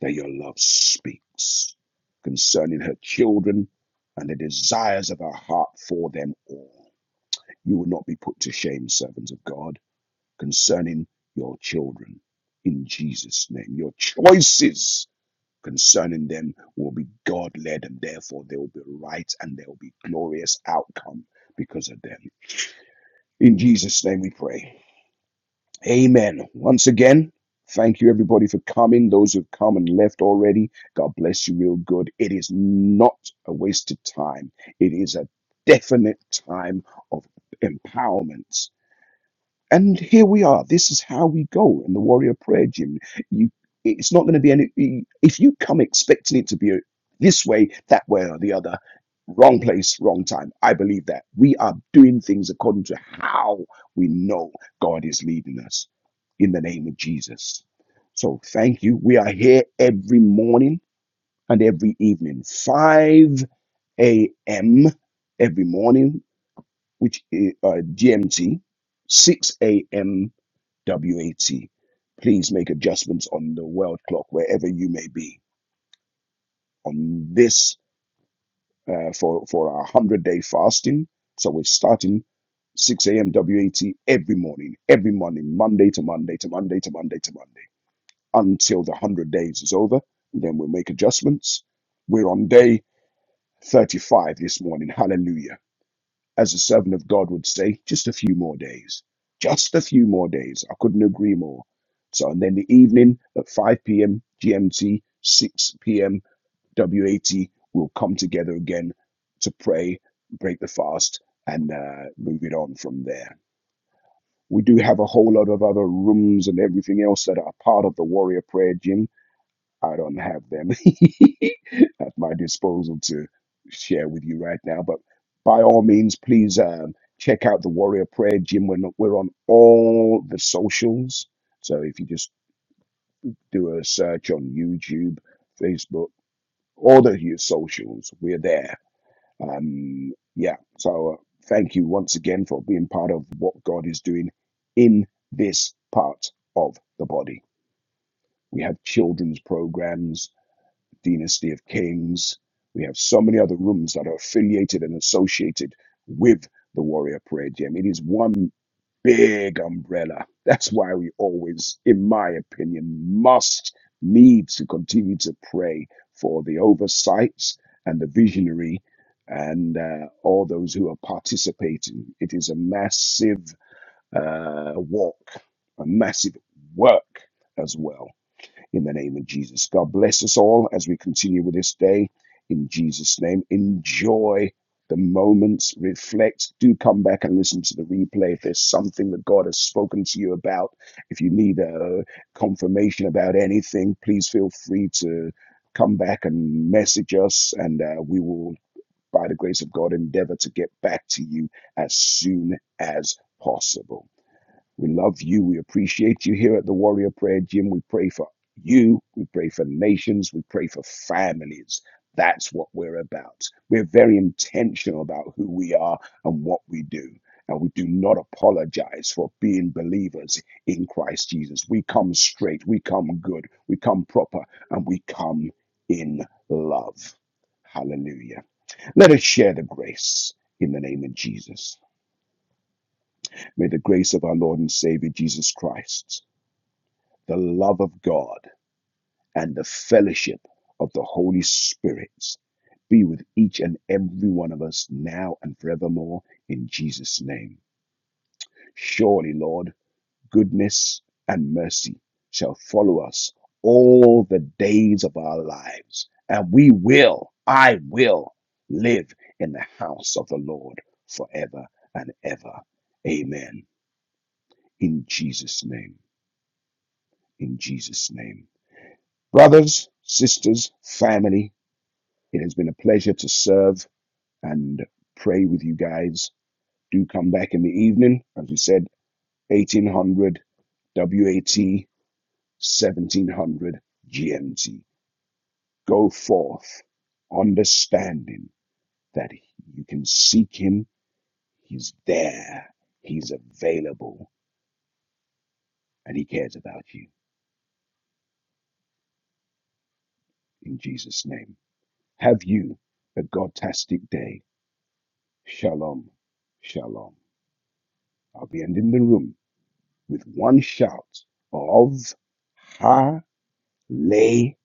Speaker 1: that your love speaks concerning her children and the desires of her heart for them all. You will not be put to shame, servants of God, concerning your children. In Jesus' name, your choices concerning them will be God led, and therefore they will be right and there will be glorious outcome because of them. In Jesus' name we pray. Amen. Once again, thank you everybody for coming. Those who've come and left already, God bless you real good. It is not a wasted time, it is a definite time of empowerment and here we are. This is how we go in the warrior prayer gym. You, it's not going to be any. If you come expecting it to be this way, that way, or the other, wrong place, wrong time. I believe that we are doing things according to how we know God is leading us. In the name of Jesus. So thank you. We are here every morning and every evening, five a.m. every morning, which is uh, GMT, six a.m WAT. Please make adjustments on the world clock wherever you may be. On this, uh, for for our one hundred day fasting, so we're starting 6 a.m. WAT every morning, every morning, Monday to Monday to Monday to Monday to Monday, until the 100 days is over. Then we'll make adjustments. We're on day 35 this morning. Hallelujah as a servant of God would say, just a few more days. Just a few more days. I couldn't agree more. So, and then the evening at 5 p.m. GMT, 6 p.m. WAT, we'll come together again to pray, break the fast, and uh, move it on from there. We do have a whole lot of other rooms and everything else that are part of the Warrior Prayer Gym. I don't have them. *laughs* at my disposal to share with you right now. But by all means, please um, check out the Warrior Prayer Gym. We're, not, we're on all the socials. So if you just do a search on YouTube, Facebook, all the your socials, we're there. Um, yeah. So uh, thank you once again for being part of what God is doing in this part of the body. We have children's programs dynasty of kings. We have so many other rooms that are affiliated and associated with the warrior prayer gym. It is one big umbrella. That's why we always, in my opinion, must need to continue to pray for the oversights and the visionary and uh, all those who are participating. It is a massive uh, walk, a massive work as well in the name of Jesus. God bless us all as we continue with this day in Jesus' name. Enjoy the moments, reflect. Do come back and listen to the replay if there's something that God has spoken to you about. If you need a confirmation about anything, please feel free to come back and message us, and uh, we will, by the grace of God, endeavor to get back to you as soon as possible. We love you. We appreciate you here at the Warrior Prayer Gym. We pray for you. We pray for nations. We pray for families. That's what we're about. We're very intentional about who we are and what we do. And we do not apologize for being believers in Christ Jesus. We come straight, we come good, we come proper, and we come in love. Hallelujah. Let us share the grace in the name of Jesus. May the grace of our Lord and Savior Jesus Christ the love of God, and the fellowship of the Holy Spirit be with each and every one of us now and forevermore in Jesus' name. Surely, Lord, goodness and mercy shall follow us all the days of our lives, and we will, I will live in the house of the Lord forever and ever. Amen. In Jesus' name, in Jesus' name. Brothers, sisters, family, it has been a pleasure to serve and pray with you guys. Do come back in the evening. As we said, 1800 WAT, 1700 GMT. Go forth, understanding that you can seek Him. He's there, He's available, and He cares about you. In Jesus' name. Have you a godtastic day. Shalom. Shalom. I'll be ending the room. with one shout of Hallelujah.